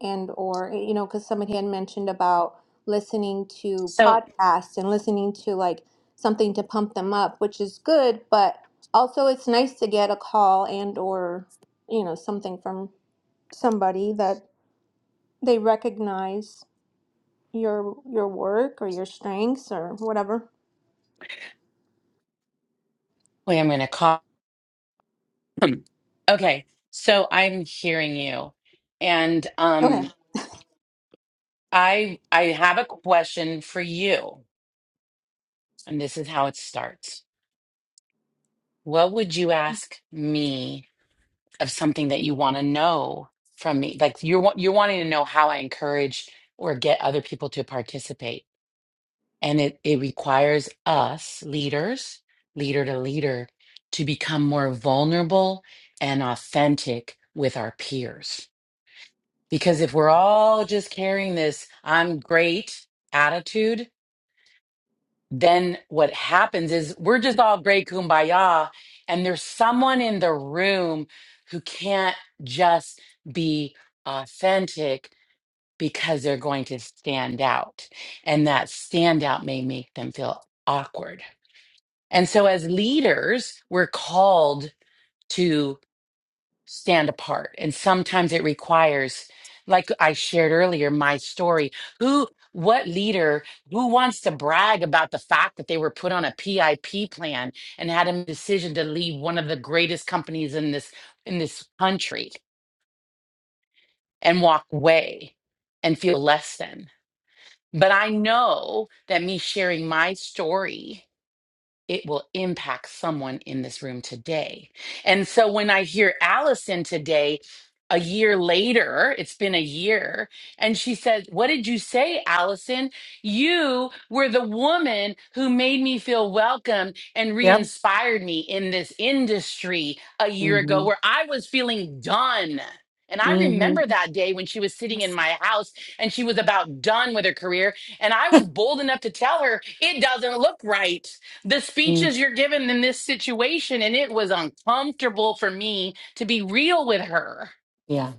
and or, you know, because somebody had mentioned about listening to
so
podcasts and listening to like something to pump them up, which is good, but also it's nice to get a call and or, you know, something from somebody that they recognize your your work or your strengths or whatever.
wait i'm gonna call okay so i'm hearing you and um
Okay.
I I have a question for you, and this is how it starts. What would you ask me of something that you want to know from me? Like you're wa- you're wanting to know how I encourage or get other people to participate, and it it requires us leaders, leader to leader, to become more vulnerable and authentic with our peers. Because if we're all just carrying this "I'm great" attitude, then what happens is we're just all great kumbaya and there's someone in the room who can't just be authentic because they're going to stand out and that standout may make them feel awkward and so as leaders we're called to stand apart and sometimes it requires like i shared earlier my story who what leader who wants to brag about the fact that they were put on a pip plan and had a decision to leave one of the greatest companies in this in this country and walk away and feel less than but i know that me sharing my story it will impact someone in this room today. And so when I hear Allison today, a year later, it's been a year, and she said, What did you say, Allison? You were the woman who made me feel welcome and re
Yep.
inspired me in this industry a year
Mm-hmm.
ago where I was feeling done. And I remember
Mm-hmm.
that day when she was sitting in my house and she was about done with her career. And I was bold enough to tell her, It doesn't look right the
Mm-hmm.
speeches you're given in this situation and it was uncomfortable for me to be real with her
Yeah.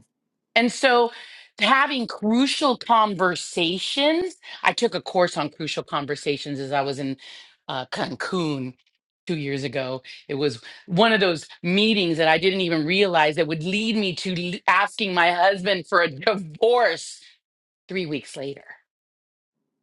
and so having crucial conversations i took a course on crucial conversations as i was in uh, cancun two years ago it was one of those meetings that i didn't even realize that would lead me to l- asking my husband for a divorce three weeks later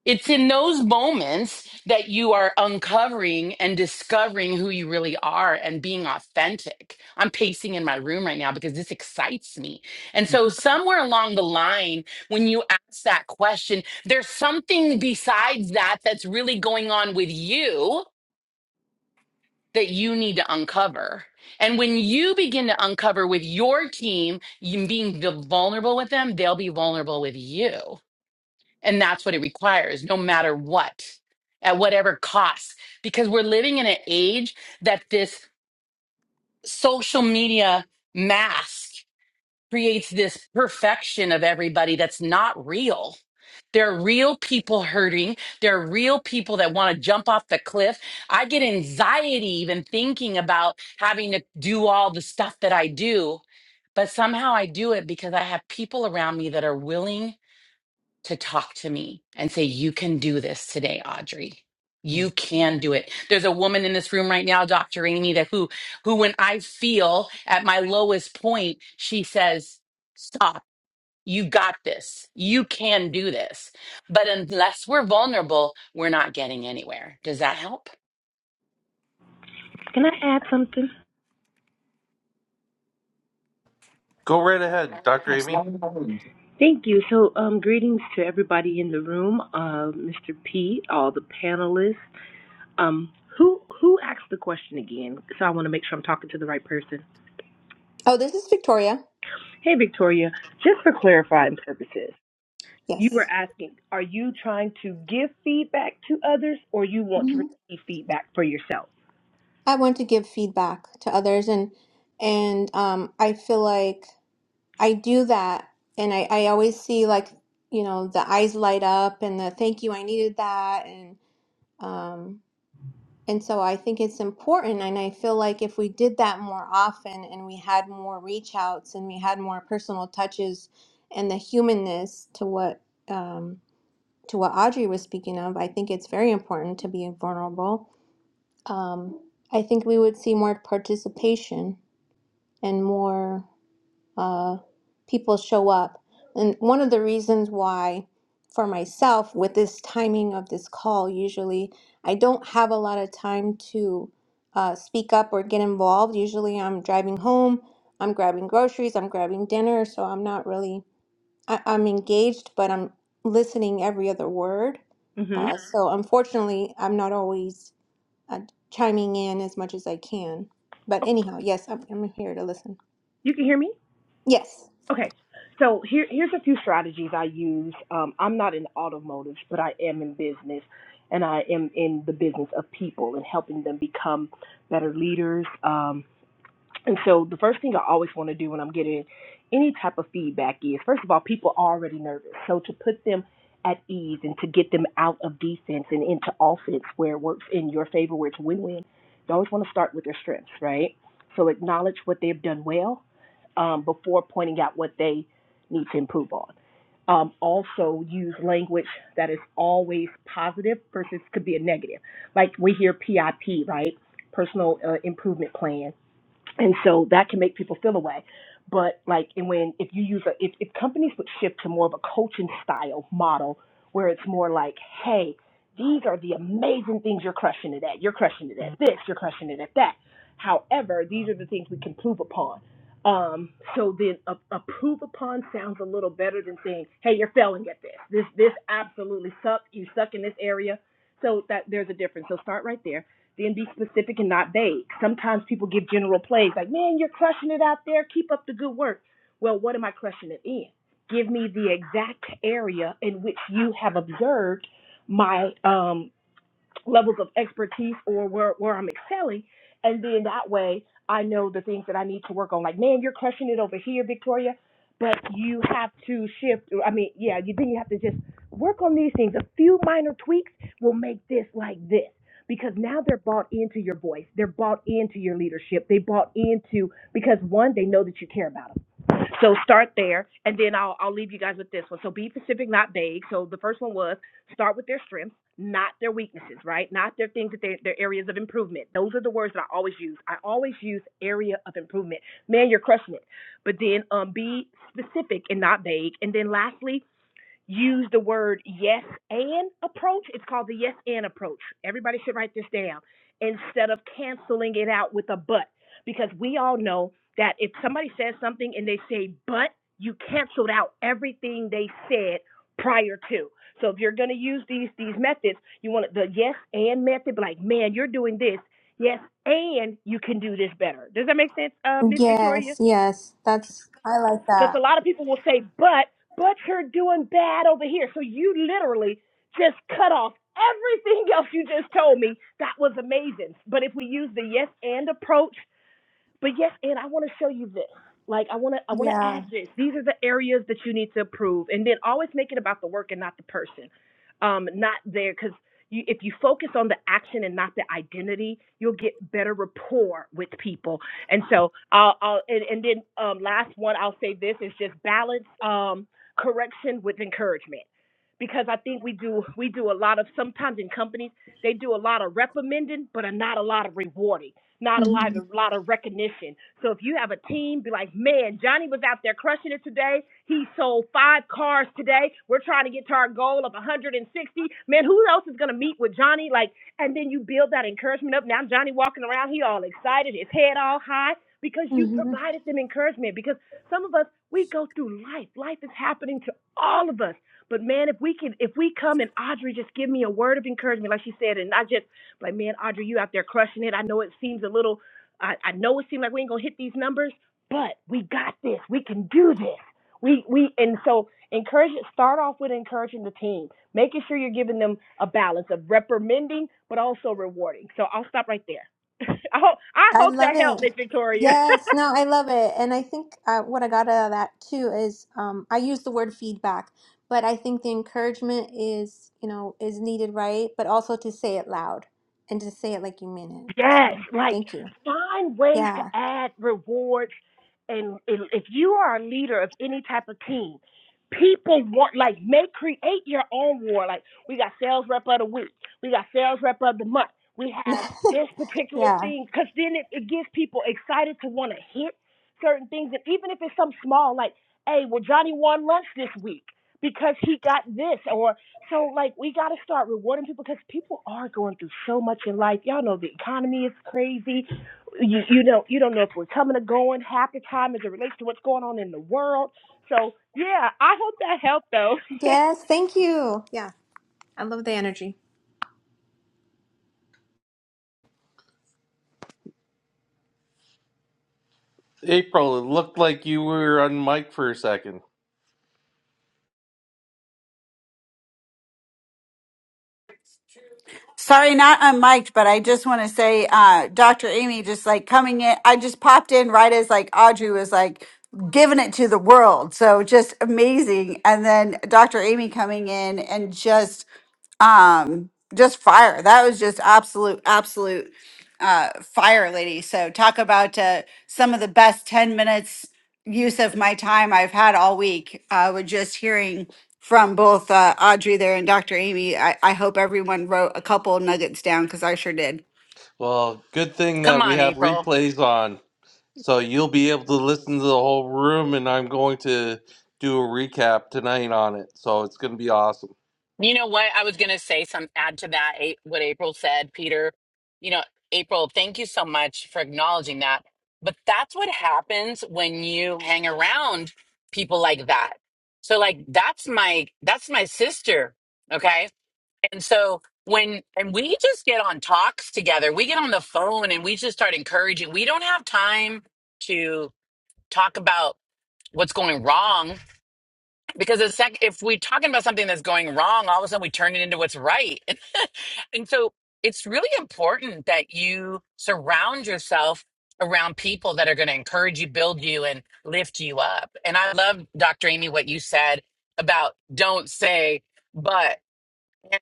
it's in those moments that you are uncovering and discovering who you really are and being authentic. I'm pacing in my room right now because this excites me. And so, somewhere along the line, when you ask that question, there's something besides that that's really going on with you that you need to uncover. And when you begin to uncover with your team, you being vulnerable with them, they'll be vulnerable with you and that's what it requires, no matter what, at whatever cost, because we're living in an age that this social media mask creates this perfection of everybody that's not real. There are real people hurting. There are real people that want to jump off the cliff. I get anxiety even thinking about having to do all the stuff that I do, but somehow I do it because I have people around me that are willing to talk to me and say, You can do this today, Audrey.
Yeah.
You can do it. There's a woman in this room right now, Dr. Amy, that who who when I feel at my lowest point, she says, Stop, you got this. You can do this. But unless we're vulnerable, we're not getting anywhere. Does that help?
Can I add something?
go right ahead dr amy
Absolutely.
Thank you. So, um, greetings to everybody in the room, uh, Mr. P, all the panelists. Um, who who asked the question again? So I want to make sure I'm talking to the right person.
Oh, this is Victoria.
Hey, Victoria, just for clarifying purposes, you were
Yes.
asking, are you trying to give feedback to others, or you want to
Mhm.
receive feedback for yourself?
I want to give feedback to others and and um I feel like I do that and I I always see like, you know, the eyes light up and the thank you, I needed that and um and so I think it's important and I feel like if we did that more often and we had more reach outs and we had more personal touches and the humanness to what um. to what Audrey was speaking of, I think it's very important to be vulnerable. Um, I think we would see more participation and more uh, people show up. And one of the reasons why, for myself, with this timing of this call, usually I don't have a lot of time to uh, speak up or get involved. Usually I'm driving home, I'm grabbing groceries, I'm grabbing dinner, so I'm not really I, I'm engaged, but I'm listening every other word.
hmm
Uh, Mhm. So unfortunately, I'm not always uh, chiming in as much as I can. But anyhow, yes, I'm, I'm here to listen.
You can hear me.
Yes.
Okay, so here, here's a few strategies I use. Um, I'm not in automotive, but I am in business, and I am in the business of people and helping them become better leaders, um, and so the first thing I always want to do when I'm getting any type of feedback is, first of all, people are already nervous. So to put them at ease and to get them out of defense and into offense where it works in your favor, where it's win-win, you always want to start with their strengths, right? So acknowledge what they've done well um, before pointing out what they need to improve on. Um, also, use language that is always positive versus could be a negative. Like we hear PIP, right? Personal uh, Improvement Plan and so that can make people feel a way, but like and when if you use a if, if companies would shift to more of a coaching style model where it's more like hey these are the amazing things you're crushing it at you're crushing it at this you're crushing it at that however these are the things we can prove upon um so then a, a prove upon sounds a little better than saying hey you're failing at this this this absolutely sucks you suck in this area so that there's a difference so start right there then be specific and not vague. Sometimes people give general plays like, man, you're crushing it out there. Keep up the good work. Well, what am I crushing it in? Give me the exact area in which you have observed my um, levels of expertise or where, where I'm excelling. And then that way I know the things that I need to work on. Like, man, you're crushing it over here, Victoria, but you have to shift. I mean, yeah, you then you have to just work on these things. A few minor tweaks will make this like this. Because now they're bought into your voice. They're bought into your leadership. They bought into because one, they know that you care about them so start there, and then I'll I'll leave you guys with this one. So be specific, not vague. So the first one was start with their strengths, not their weaknesses, right? Not their things that they their areas of improvement. Those are the words that I always use. I always use area of improvement. Man, you're crushing it. But then um, be specific and not vague. And then lastly, use the word yes and approach. It's called the yes and approach. Everybody should write this down instead of canceling it out with a but because we all know that if somebody says something and they say but, you canceled out everything they said prior to. So if you're going to use these these methods, you want the yes and method be like, "Man, you're doing this. Yes, and you can do this better." Does that make sense, uh, Miss Victoria?
Yes, yes. That's, I like
Because a
that.
lot of people will say, but, but you're doing bad over here. So you literally just cut off everything else you just told me. That was amazing. But if we use the yes and approach, but yes, and I want to show you this. Like I want to I want to
Yeah.
add this. These are the areas that you need to improve, and then always make it about the work and not the person, um, not there because. You, if you focus on the action and not the identity, you'll get better rapport with people. And so, I'll, I'll and, and then um, last one I'll say this is just balance um, correction with encouragement, because I think we do we do a lot of sometimes in companies they do a lot of reprimanding but are not a lot of rewarding not a lot,
Mm-hmm.
a lot of recognition. So if you have a team, be like, man, Johnny was out there crushing it today. He sold five cars today. We're trying to get to our goal of 160. Man, who else is gonna meet with Johnny? Like, and then you build that encouragement up. Now Johnny walking around, he all excited, his head all high because you
Mm-hmm.
provided them encouragement. Because some of us, we go through life. Life is happening to all of us. But man, if we can, if we come and Audrey just give me a word of encouragement, like she said, and I just like man, Audrey, you out there crushing it. I know it seems a little, I, I know it seems like we ain't gonna hit these numbers, but we got this. We can do this. We we and so encourage it. start off with encouraging the team, making sure you're giving them a balance of reprimanding but also rewarding. So I'll stop right there. I hope I
I
hope
love
that helped,
it.
Miss Victoria.
Yes, no, I love it. And I think uh, what I got out of that too is um, I use the word feedback, but I think the encouragement is, you know, is needed, right? But also to say it loud and to say it like you mean it.
Yes,
So
like
thank you.
find ways to
Yeah.
add rewards. And if if you are a leader of any type of team, people want like make create your own war. Like we got sales rep of the week, we got sales rep of the month. We have this particular
Yeah.
thing because then it, it gets people excited to want to hit certain things. And even if it's something small, like hey, well Johnny won lunch this week because he got this, or. So like we got to start rewarding people because people are going through so much in life. Y'all know the economy is crazy. You you know you don't know if we're coming or going half the time as it relates to what's going on in the world. So yeah, I hope that helped though.
Yes. Thank you. Yeah. I love the energy.
April, it looked like you were on mic for a second.
Sorry, not unmiked, but I just want to say, uh, Dr. Amy, just like coming in, I just popped in right as like Audrey was like giving it to the world. So just amazing. And then Dr. Amy coming in and just um just fire that was just absolute absolute uh fire lady so talk about uh some of the best 10 minutes use of my time i've had all week uh with just hearing from both uh audrey there and dr amy i, I hope everyone wrote a couple nuggets down because i sure did
Well, good thing
Come
that we
on,
have
April.
replays on. So you'll be able to listen to the whole room, and I'm going to do a recap tonight on it. So it's going to be awesome.
You know what? I was going to say some add to that, A- what April said, Peter. You know, April, thank you so much for acknowledging that. But that's what happens when you hang around people like that. So like that's my that's my sister, okay? And so when and we just get on talks together. We get on the phone and we just start encouraging. We don't have time to talk about what's going wrong because the sec- if we're talking about something that's going wrong all of a sudden we turn it into what's right and so it's really important that you surround yourself around people that are going to encourage you build you and lift you up and i love dr amy what you said about don't say but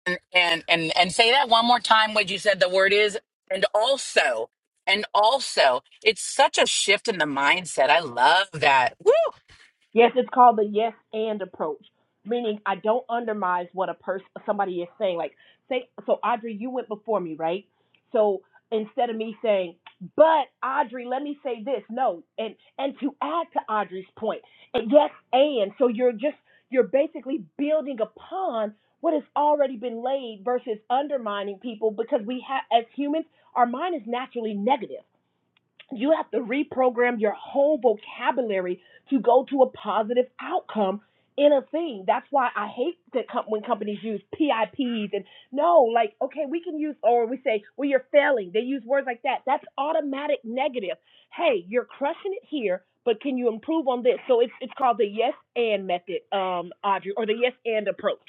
and and and, and say that one more time what you said the word is and also and also it's such a shift in the mindset i love that Woo!
Yes, it's called the yes and approach, meaning I don't undermine what a person somebody is saying. Like, say, so Audrey, you went before me, right? So instead of me saying, but Audrey, let me say this, no, and and to add to Audrey's point, and yes and. So you're just you're basically building upon what has already been laid versus undermining people because we have as humans, our mind is naturally negative. You have to reprogram your whole vocabulary to go to a positive outcome in a thing. That's why I hate that com- when companies use PIPs and no, like, okay, we can use, or we say, well, you're failing. They use words like that. That's automatic negative. Hey, you're crushing it here, but can you improve on this? So it's, it's called the yes and method, um, Audrey, or the yes and approach.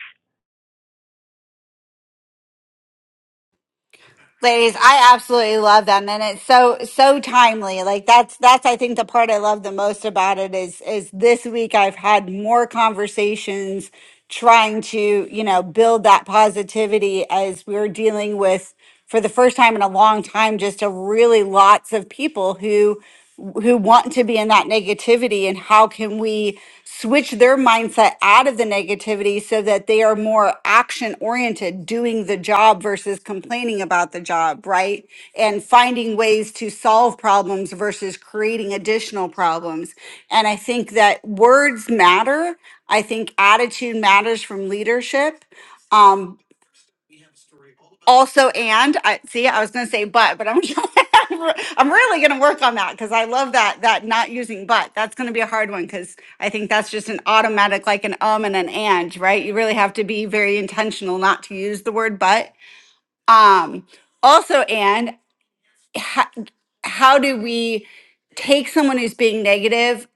Ladies, I absolutely love them and it's so so timely. Like that's that's I think the part I love the most about it is is this week I've had more conversations trying to, you know, build that positivity as we're dealing with for the first time in a long time just a really lots of people who who want to be in that negativity and how can we switch their mindset out of the negativity so that they are more action oriented, doing the job versus complaining about the job, right? And finding ways to solve problems versus creating additional problems. And I think that words matter. I think attitude matters from leadership. Um, also and i see i was going to say but but i'm i'm really going to work on that because i love that that not using but that's going to be a hard one because i think that's just an automatic like an um and an and right you really have to be very intentional not to use the word but um also and how, how do we take someone who's being negative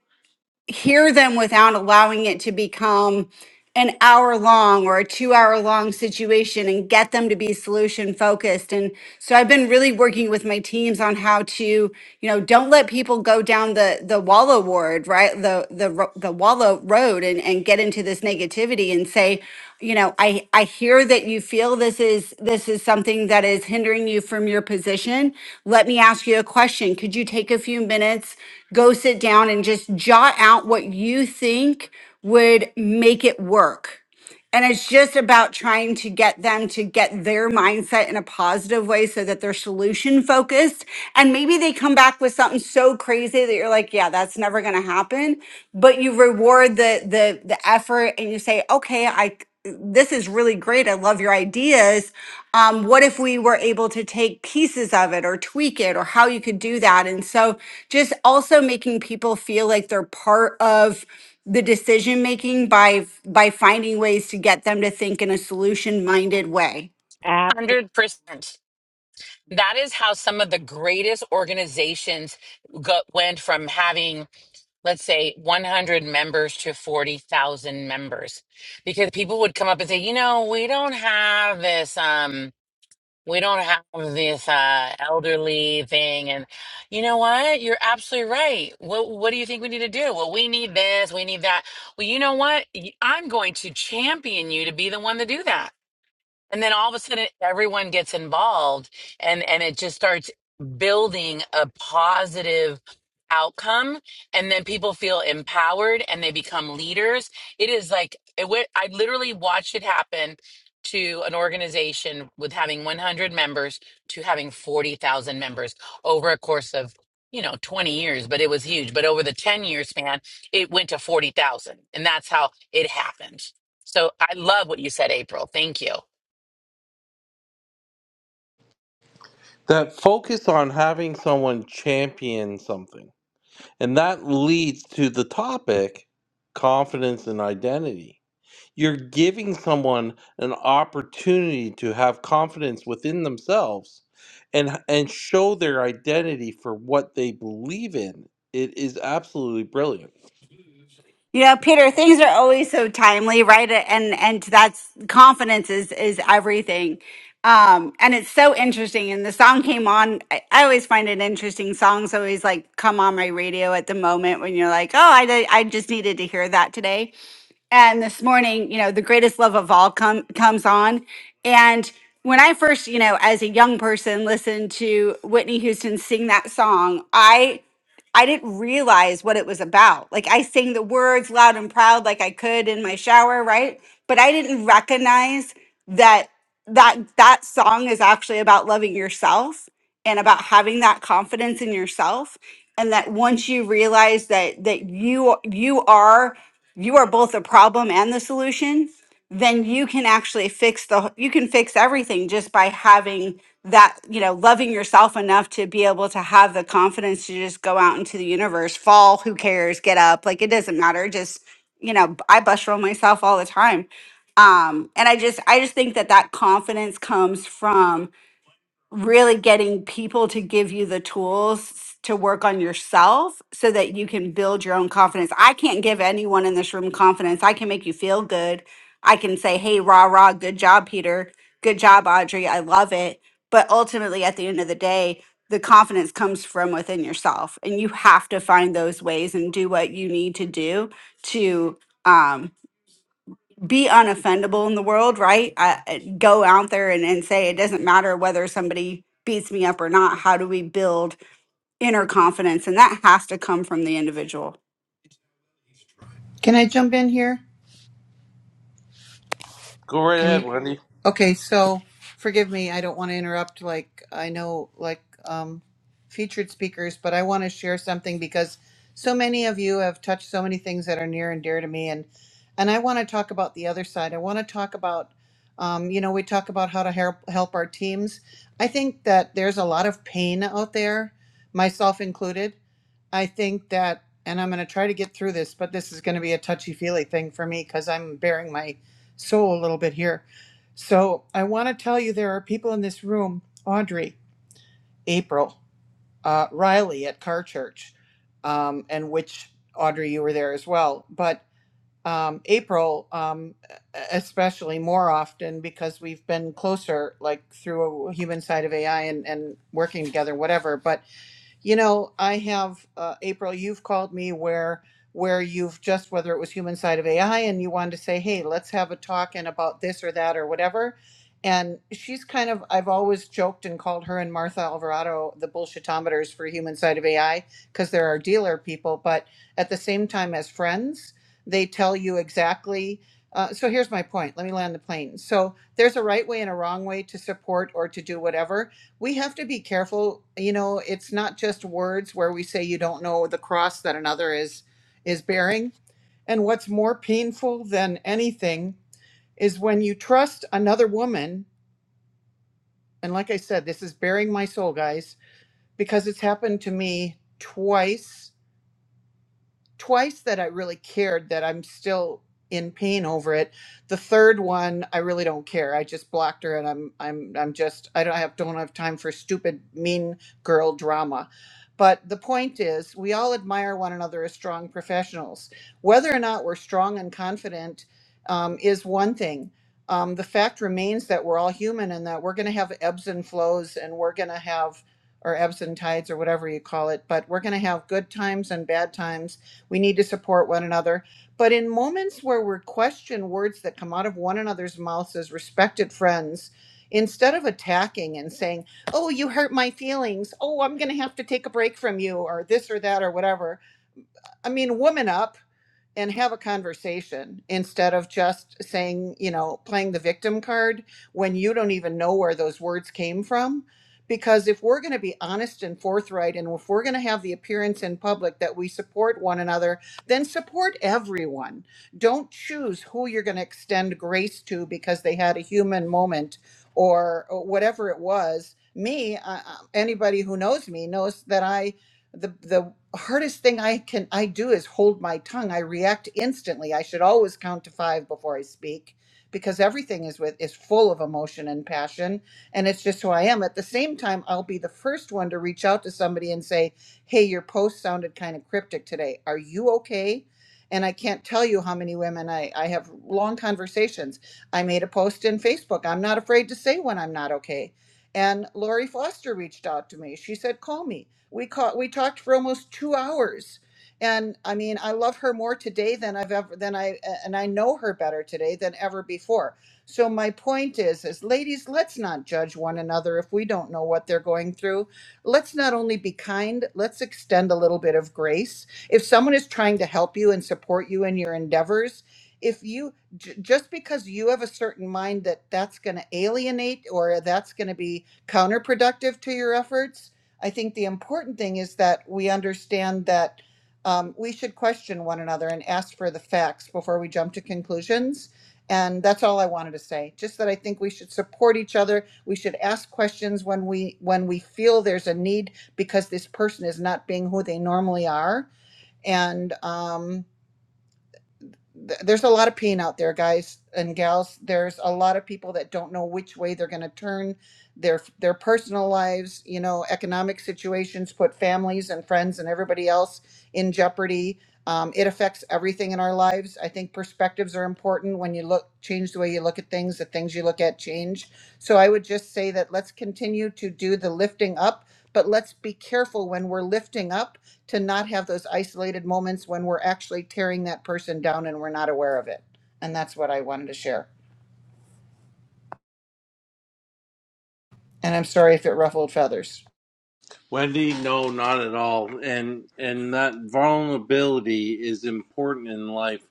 hear them without allowing it to become an hour long or a two hour long situation and get them to be solution focused and so i've been really working with my teams on how to you know don't let people go down the the wallow ward right the the ro- the wallow road and and get into this negativity and say you know i i hear that you feel this is this is something that is hindering you from your position let me ask you a question could you take a few minutes go sit down and just jot out what you think would make it work and it's just about trying to get them to get their mindset in a positive way so that they're solution focused. And maybe they come back with something so crazy that you're like, yeah, that's never going to happen. But you reward the, the, the effort and you say, okay, I, this is really great. I love your ideas um, what if we were able to take pieces of it or tweak it or how you could do that and so just also making people feel like they're part of the decision making by by finding ways to get them to think in a solution minded way
100% that is how some of the greatest organizations got, went from having let's say 100 members to 40,000 members because people would come up and say you know we don't have this um we don't have this uh elderly thing and you know what you're absolutely right what what do you think we need to do well we need this we need that well you know what Y- i'm going to champion you to be the one to do that and then all of a sudden everyone gets involved and and it just starts building a positive outcome and then people feel empowered and they become leaders it is like it went, i literally watched it happen to an organization with having 100 members to having 40,000 members over a course of you know 20 years but it was huge but over the 10 year span it went to 40,000 and that's how it happened so i love what you said april thank you
That focus on having someone champion something. And that leads to the topic confidence and identity You're giving someone an opportunity to have confidence within themselves and and show their identity for what they believe in. It is absolutely brilliant.
You know, Peter, things are always so timely, right? And and that's confidence is is everything. Um, and it's so interesting. And the song came on. I, I always find it interesting. Songs always like come on my radio at the moment when you're like, oh, I di- I just needed to hear that today. And this morning, you know, the greatest love of all come comes on. And when I first, you know, as a young person, listened to Whitney Houston sing that song, I I didn't realize what it was about. Like I sang the words loud and proud like I could in my shower, right? But I didn't recognize that that that song is actually about loving yourself and about having that confidence in yourself and that once you realize that that you you are you are both the problem and the solution then you can actually fix the you can fix everything just by having that you know loving yourself enough to be able to have the confidence to just go out into the universe fall who cares get up like it doesn't matter just you know i bust roll myself all the time um and i just i just think that that confidence comes from really getting people to give you the tools to work on yourself so that you can build your own confidence. I can't give anyone in this room confidence. I can make you feel good. I can say, hey, rah, rah, good job, Peter. Good job, Audrey. I love it. But ultimately, at the end of the day, the confidence comes from within yourself. And you have to find those ways and do what you need to do to um, be unoffendable in the world, right? I, I- go out there and, and say it doesn't matter whether somebody beats me up or not. How do we build inner confidence? And that has to come from the individual.
Can I jump in here?
Go right
Can
ahead,
you?
Wendy.
Okay, so forgive me. I don't want to interrupt. Like I know, like um, featured speakers, but I want to share something because so many of you have touched so many things that are near and dear to me, and and I want to talk about the other side. I want to talk about, um, you know, we talk about how to help help our teams. I think that there's a lot of pain out there, myself included I think that, and I'm going to try to get through this, but this is going to be a touchy feely thing for me because I'm bearing my soul a little bit here. So I want to tell you there are people in this room Audrey, April, uh, Riley at Car Church, um, and which Audrey, you were there as well. But um, April, um, especially more often because we've been closer, like through a human side of AI and, and working together, whatever. But you know i have uh, april you've called me where where you've just whether it was human side of ai and you wanted to say hey let's have a talk and about this or that or whatever and she's kind of i've always joked and called her and martha alvarado the bullshitometers for human side of ai because they're our dealer people but at the same time as friends they tell you exactly uh, so here's my point let me land the plane so there's a right way and a wrong way to support or to do whatever we have to be careful you know it's not just words where we say you don't know the cross that another is is bearing and what's more painful than anything is when you trust another woman and like i said this is bearing my soul guys because it's happened to me twice twice that I really cared that I'm still in pain over it. The third one, I really don't care. I just blocked her and I'm I'm I'm just I don't have don't have time for stupid mean girl drama. But the point is, we all admire one another as strong professionals. Whether or not we're strong and confident um, is one thing. Um, the fact remains that we're all human and that we're going to have ebbs and flows and we're going to have, or ebbs and tides or whatever you call it, but we're going to have good times and bad times we need to support one another. But in moments where we're questioned words that come out of one another's mouths as respected friends, instead of attacking and saying, oh, you hurt my feelings, oh, I'm going to have to take a break from you, or this or that or whatever, I mean, woman up and have a conversation instead of just saying, you know, playing the victim card when you don't even know where those words came from. Because if we're going to be honest and forthright, and if we're going to have the appearance in public that we support one another, then support everyone. Don't choose who you're going to extend grace to because they had a human moment or, or whatever it was. Me, I, I- anybody who knows me knows that I the the hardest thing I can I do is hold my tongue. I react instantly. I should always count to 5 before I speak because everything is with is full of emotion and passion and it's just who I am. At the same time, I'll be the first one to reach out to somebody and say, "Hey, your post sounded kind of cryptic today. Are you okay?" And I can't tell you how many women I, I have long conversations. I made a post in Facebook. I'm not afraid to say when I'm not okay. And Lori Foster reached out to me. She said, Call me we caught we talked for almost two hours and i mean i love her more today than i've ever than i and i know her better today than ever before so my point is is ladies let's not judge one another if we don't know what they're going through let's not only be kind let's extend a little bit of grace if someone is trying to help you and support you in your endeavors if you j- just because you have a certain mind that that's going to alienate or that's going to be counterproductive to your efforts I think the important thing is that we understand that um, we should question one another and ask for the facts before we jump to conclusions. And that's all I wanted to say. Just that I think we should support each other. We should ask questions when we when we feel there's a need because this person is not being who they normally are. And um, th- there's a lot of pain out there, guys and gals. There's a lot of people that don't know which way they're going to turn. Their their personal lives, you know, economic situations put families and friends and everybody else in jeopardy. Um, it affects everything in our lives. I think perspectives are important when you look change the way you look at things. The things you look at change. So I would just say that let's continue to do the lifting up, but let's be careful when we're lifting up to not have those isolated moments when we're actually tearing that person down and we're not aware of it. And that's what I wanted to share. And I'm sorry if it ruffled feathers.
Wendy, no, not at all. And and that vulnerability is important in life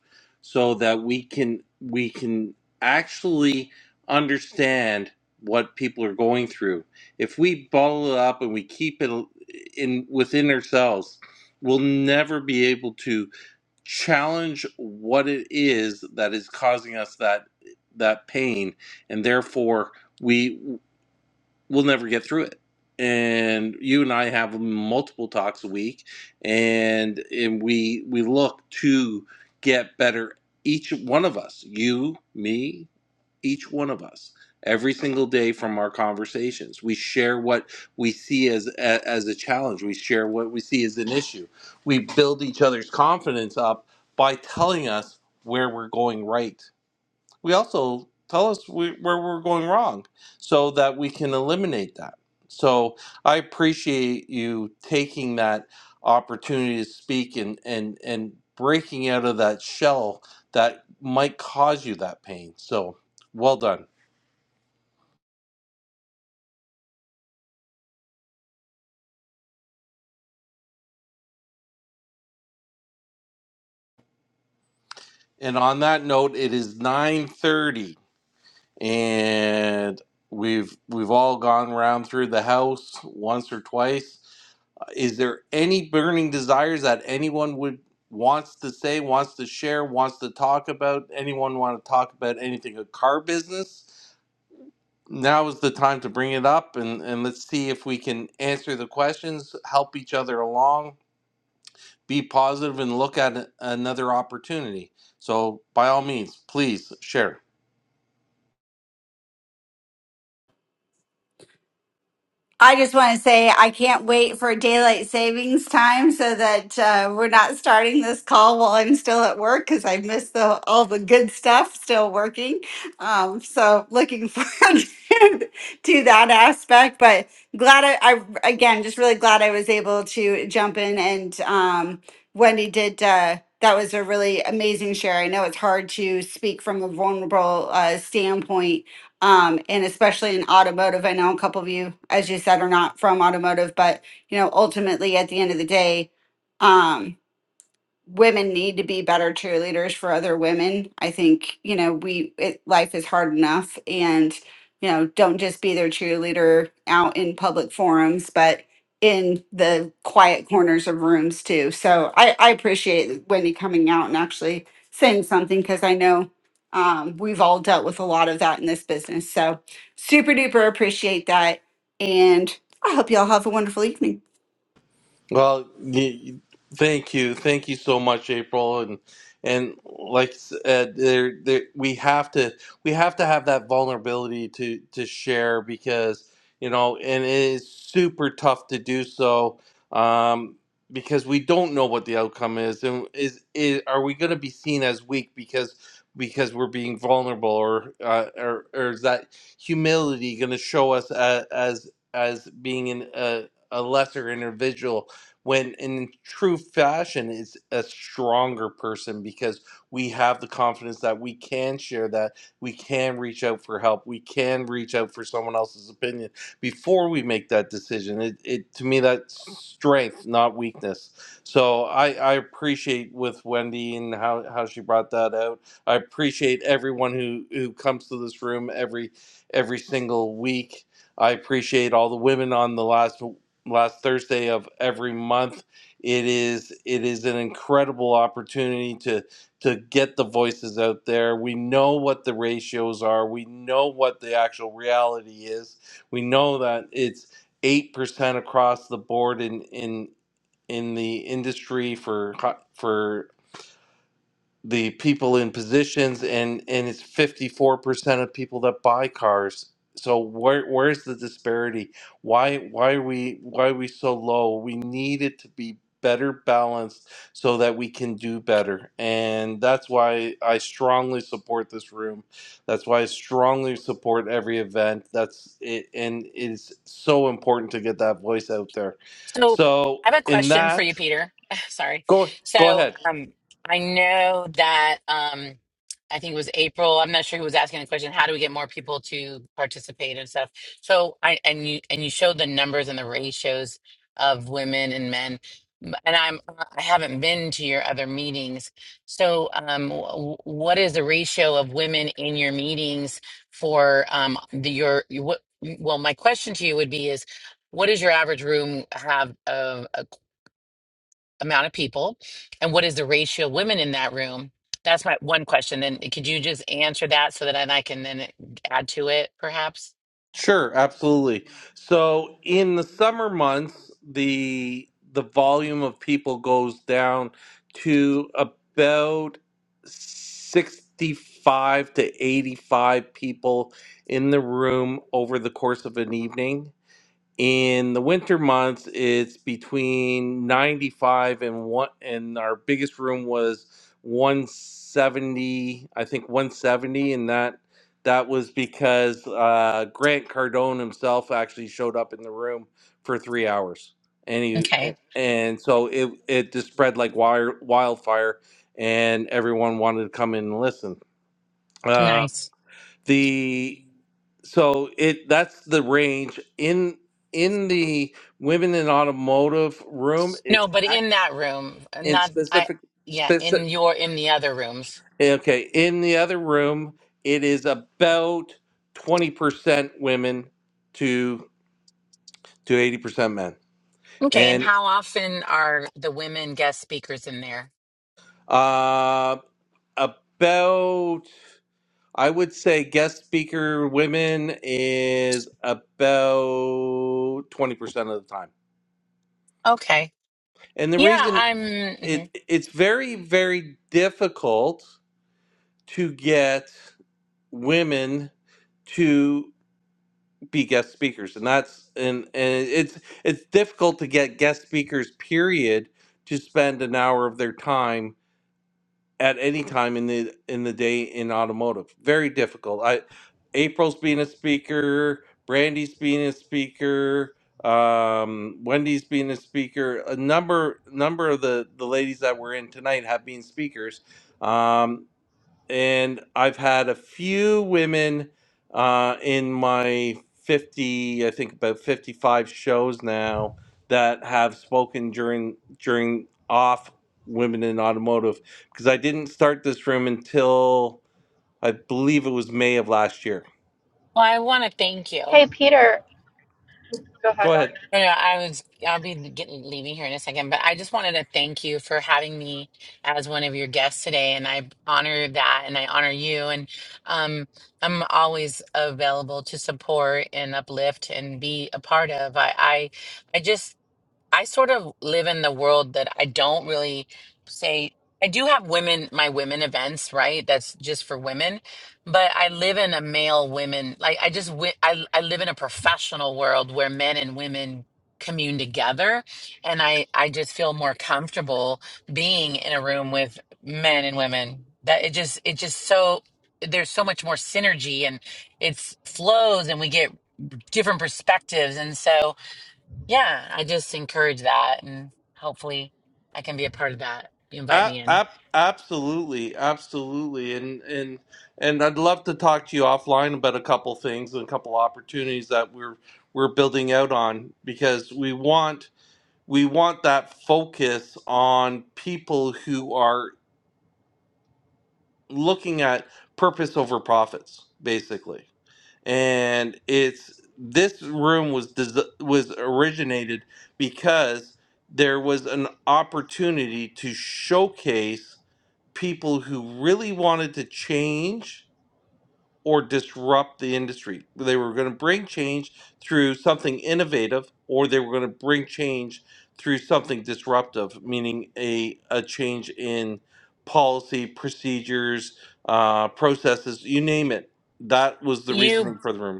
so that we can we can actually understand what people are going through. If we bottle it up and we keep it in within ourselves, we'll never be able to challenge what it is that is causing us that that pain and therefore we we'll never get through it. And you and I have multiple talks a week, and and we we look to get better. Each one of us, you, me, each one of us, every single day from our conversations, we share what we see as a- as a challenge. We share what we see as an issue. We build each other's confidence up by telling us where we're going right we also tell us we, where we're going wrong so that we can eliminate that so i appreciate you taking that opportunity to speak and and and breaking out of that shell that might cause you that pain so well done and on that note it is 9:30 and we've we've all gone round through the house once or twice Is there any burning desires that anyone would wants to say, wants to share, wants to talk about? Anyone want to talk about anything a car business? Now is the time to bring it up and, and let's see if we can answer the questions, help each other along, be positive and look at another opportunity. So by all means, please share.
I just want to say I can't wait for daylight savings time so that uh, we're not starting this call while I'm still at work because I missed the, all the good stuff still working. Um, so looking forward to that aspect, but glad I, I again just really glad I was able to jump in and um, Wendy did. Uh, that was a really amazing share. I know it's hard to speak from a vulnerable uh, standpoint um, and especially in automotive. I know a couple of you, as you said, are not from automotive, but you know, ultimately at the end of the day, um, women need to be better cheerleaders for other women. I think, you know, we it, life is hard enough and, you know, don't just be their cheerleader out in public forums, but in the quiet corners of rooms too. So I, I appreciate Wendy coming out and actually saying something because I know um, we've all dealt with a lot of that in this business. So super duper appreciate that. And I hope y'all have a wonderful evening.
Well, y- thank you, thank you so much, April, and and like uh, there, there, we have to we have to have that vulnerability to to share because you know, and it is super tough to do so um, because we don't know what the outcome is, and is, is are we going to be seen as weak because because we're being vulnerable, or uh, or, or is that humility going to show us as as, as being an, a a lesser individual when in true fashion is a stronger person because we have the confidence that we can share that we can reach out for help we can reach out for someone else's opinion before we make that decision it, it to me that's strength not weakness so i i appreciate with wendy and how how she brought that out i appreciate everyone who who comes to this room every every single week I appreciate all the women on the last last Thursday of every month. It is it is an incredible opportunity to to get the voices out there. We know what the ratios are. We know what the actual reality is. We know that it's eight percent across the board in in in the industry for for the people in positions and and it's 54% of people that buy cars so where where's the disparity why why are we why are we so low we need it to be better balanced so that we can do better and that's why i strongly support this room that's why i strongly support every event that's it and it's so important to get that voice out there
So
so
I have a
in
question for you,
that
Peter. Sorry.
go go
So
ahead
um, I know that um, I think it was April. I'm not sure who was asking the question. How do we get more people to participate and stuff? So I and you and you showed the numbers and the ratios of women and men. M- And I'm uh, I haven't been to your other meetings. So um, wh- what is the ratio of women in your meetings for um, the your what? Well, my question to you would be is what does your average room have of a, amount of people and what is the ratio of women in that room that's my one question then could you just answer that so that then i can then add to it perhaps
Sure, absolutely. So in the summer months, the the volume of people goes down to about 65 to 85 people in the room over the course of an evening in the winter months it's between 95 and one and our biggest room was 170 i think 170 and that that was because uh, grant cardone himself actually showed up in the room for three hours and he
okay
a- and so it it just spread like wire, wildfire and everyone wanted to come in and listen um,
nice
the so it that's the range in in the women in automotive room
no
it's
but
act
in that room uh,
in
not i
specific
yeah in
specific
your in the other rooms
okay in the other room it is about 20% women to to 80% men
okay and
and
how often are the women guest speakers in there
uh about i would say guest speaker women is about 20% of the time
okay
And the
yeah
reason
i'm mhm.
it it's very very difficult to get women to be guest speakers and that's and and it's it's difficult to get guest speakers period to spend an hour of their time at any time in the in the day in automotive. Very difficult. I April's being a speaker, Brandy's being a speaker, um, Wendy's being a speaker. A number number of the the ladies that were in tonight have been speakers. Um, and I've had a few women uh, in my 50, I think about 55 shows now that have spoken during during off women in automotive because I didn't start this room until I believe it was May of last year.
Well, I want to thank you.
Hey Peter, go ahead,
Go ahead.
Audrey.
You know, I was I'll be getting leaving here in a second, but I just wanted to thank you for having me as one of your guests today, and I honor that, and I honor you, and um, I'm always available to support and uplift and be a part of. I I, I just I sort of live in the world that I don't really say I do have women my women events, right? That's just for women, but I live in a male women like I just wi- I I live in a professional world where men and women commune together and I I just feel more comfortable being in a room with men and women. That it just it just so there's so much more synergy and it's flows and we get different perspectives and so yeah, I just encourage that and hopefully I can be a part of that. You invite
A-
me in.
ab- absolutely, absolutely, and and and I'd love to talk to you offline about a couple things and a couple opportunities that we're we're building out on because we want we want that focus on people who are looking at purpose over profits basically and it's this room was des- was originated because there was an opportunity to showcase people who really wanted to change or disrupt the industry. They were going to bring change through something innovative, or they were going to bring change through something disruptive, meaning a, a change in policy, procedures, uh, processes, you name it. That was the
You
reasoning for the room.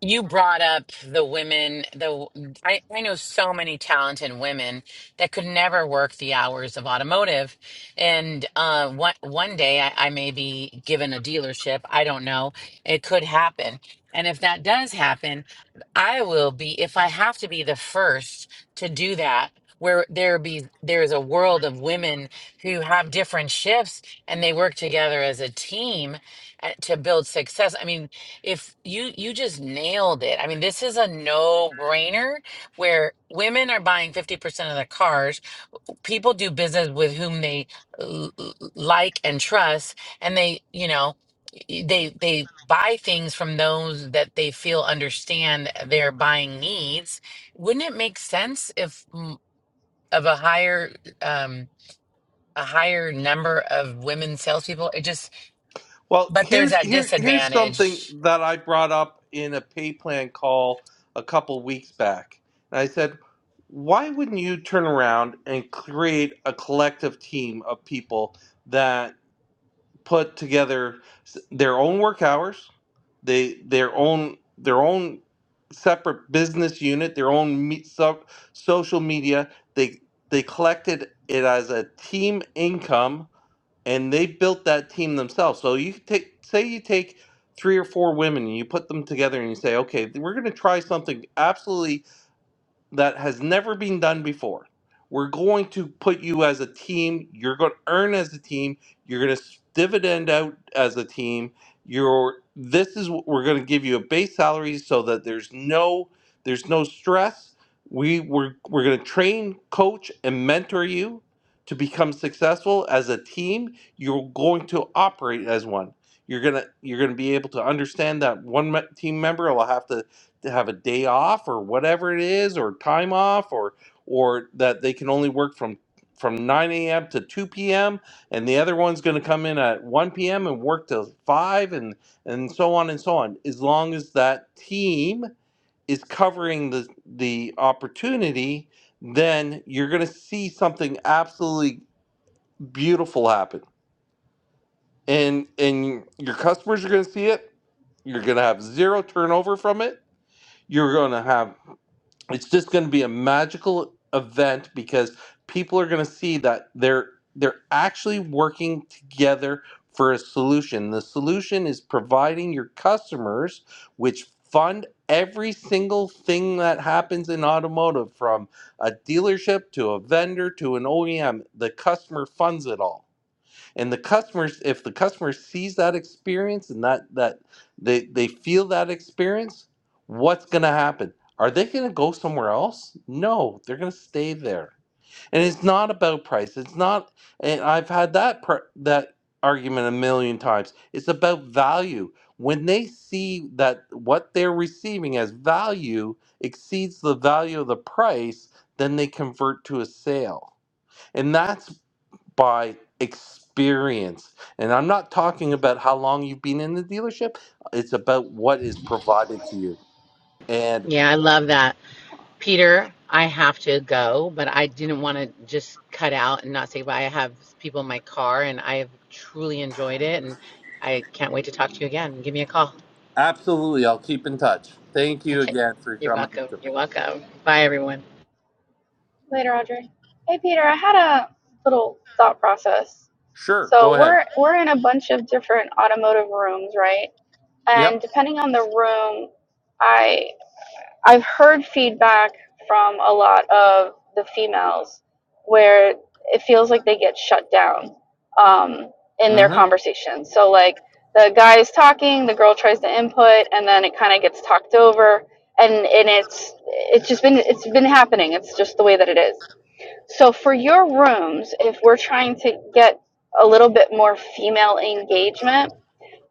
You brought up the women, the I, I know so many talented women that could never work the hours of automotive. And uh, one, one day I, I may be given a dealership. I don't know. It could happen. And if that does happen, I will be, if I have to be the first to do that, where there be there's a world of women who have different shifts and they work together as a team uh, to build success. I mean, if you you just nailed it. I mean, this is a no-brainer where women are buying 50% of their cars. People do business with whom they l- l- like and trust, and they, you know, y- they they buy things from those that they feel understand their buying needs. Wouldn't it make sense if mm, of a higher um a higher number of women salespeople? It just,
Well,
but there's
here's
that
here here's something
disadvantage.
that I brought up in a pay plan call a couple weeks back. And I said, why wouldn't you turn around and create a collective team of people that put together s- their own work hours, they their own their own separate business unit, their own me, so, social media. They they collected it as a team income and they built that team themselves. So you take, say, you take three or four women and you put them together and you say, okay, we're going to try something absolutely that has never been done before. We're going to put you as a team. You're going to earn as a team. You're going to dividend out as a team. You're this is what we're going to give you a base salary so that there's no there's no stress. We we're, we're going to train, coach, and mentor you to become successful as a team. You're going to operate as one. You're gonna you're gonna be able to understand that one me- team member will have to to have a day off or whatever it is or time off or or that they can only work from from 9 a.m. to 2 p.m. and the other one's going to come in at 1 p.m. and work till 5 and and so on and so on as long as that team is covering the the opportunity then you're going to see something absolutely beautiful happen and and your customers are going to see it you're going to have zero turnover from it you're going to have it's just going to be a magical event because people are going to see that they're they're actually working together for a solution. The solution is providing your customers which fund every single thing that happens in automotive from a dealership to a vendor to an OEM. The customer funds it all and the customers if the customer sees that experience and that that they they feel that experience what's going to happen are they going to go somewhere else no they're going to stay there and it's not about price it's not and i've had that pr- that argument a million times it's about value when they see that what they're receiving as value exceeds the value of the price then they convert to a sale and that's by experience. And I'm not talking about how long you've been in the dealership, it's about what is provided to you. And
Yeah, I love that. Peter, I have to go, but I didn't want to just cut out and not say bye. I have people in my car and I have truly enjoyed it and I can't wait to talk to you again. Give me a call.
absolutely, I'll keep in touch. Thank you
Okay.
again for
You're
coming
welcome. You're
tonight.
welcome. Bye, everyone.
Later, Audrey. Hey Peter, I had a little thought process.
Sure,
So
go ahead.
we're we're in a bunch of different automotive rooms, right? And
Yep.
depending on the room, I. I've heard feedback from a lot of the females where it feels like they get shut down um, in their
hmm
conversations. So, like, the guy is talking, the girl tries to input, and then it kind of gets talked over. And, and it's it's just been it's been happening. It's just the way that it is. So for your rooms, if we're trying to get a little bit more female engagement,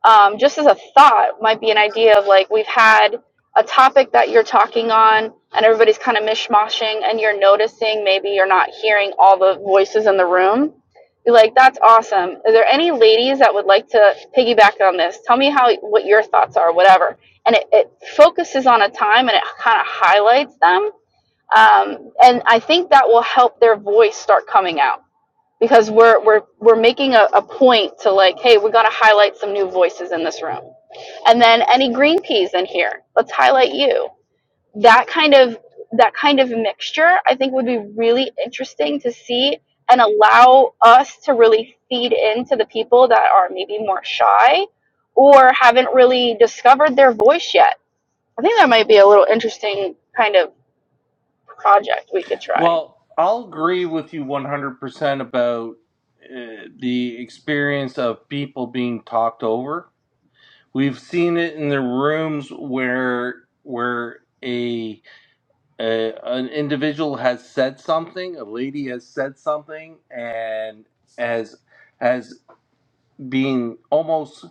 um, just as a thought might be an idea of like we've had a topic that you're talking on and everybody's kind of mishmashing and you're noticing maybe you're not hearing all the voices in the room be like that's awesome are there any ladies that would like to piggyback on this tell me how what your thoughts are whatever and it, it focuses on a time and it kind of highlights them um, and i think that will help their voice start coming out because we're we're we're making a, a point to like hey we got to highlight some new voices in this room and then any green peas in here let's highlight you that kind of that kind of mixture i think would be really interesting to see and allow us to really feed into the people that are maybe more shy or haven't really discovered their voice yet i think that might be a little interesting kind of project we could try
Well, I'll agree with you 100% about uh, the experience of people being talked over. We've seen it in the rooms where where a a, an individual has said something, a lady has said something, and as as being almost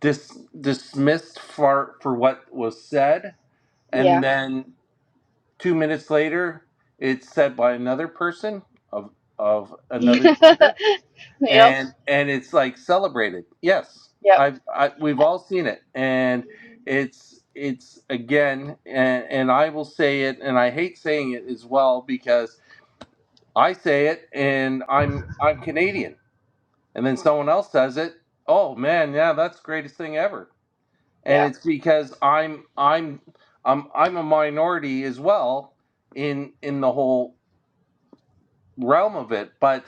dis, dismissed for for what was said, and
yeah
then two minutes later, it's said by another person of of another gender,
yep
and and it's like celebrated. Yes,
yep
I've I, we've all seen it, and it's it's again, and, and I will say it, and I hate saying it as well because I say it and I'm I'm Canadian. And then someone else says it, oh man, yeah, that's the greatest thing ever. And
Yeah,
it's because I'm I'm I'm I'm a minority as well in in the whole realm of it. But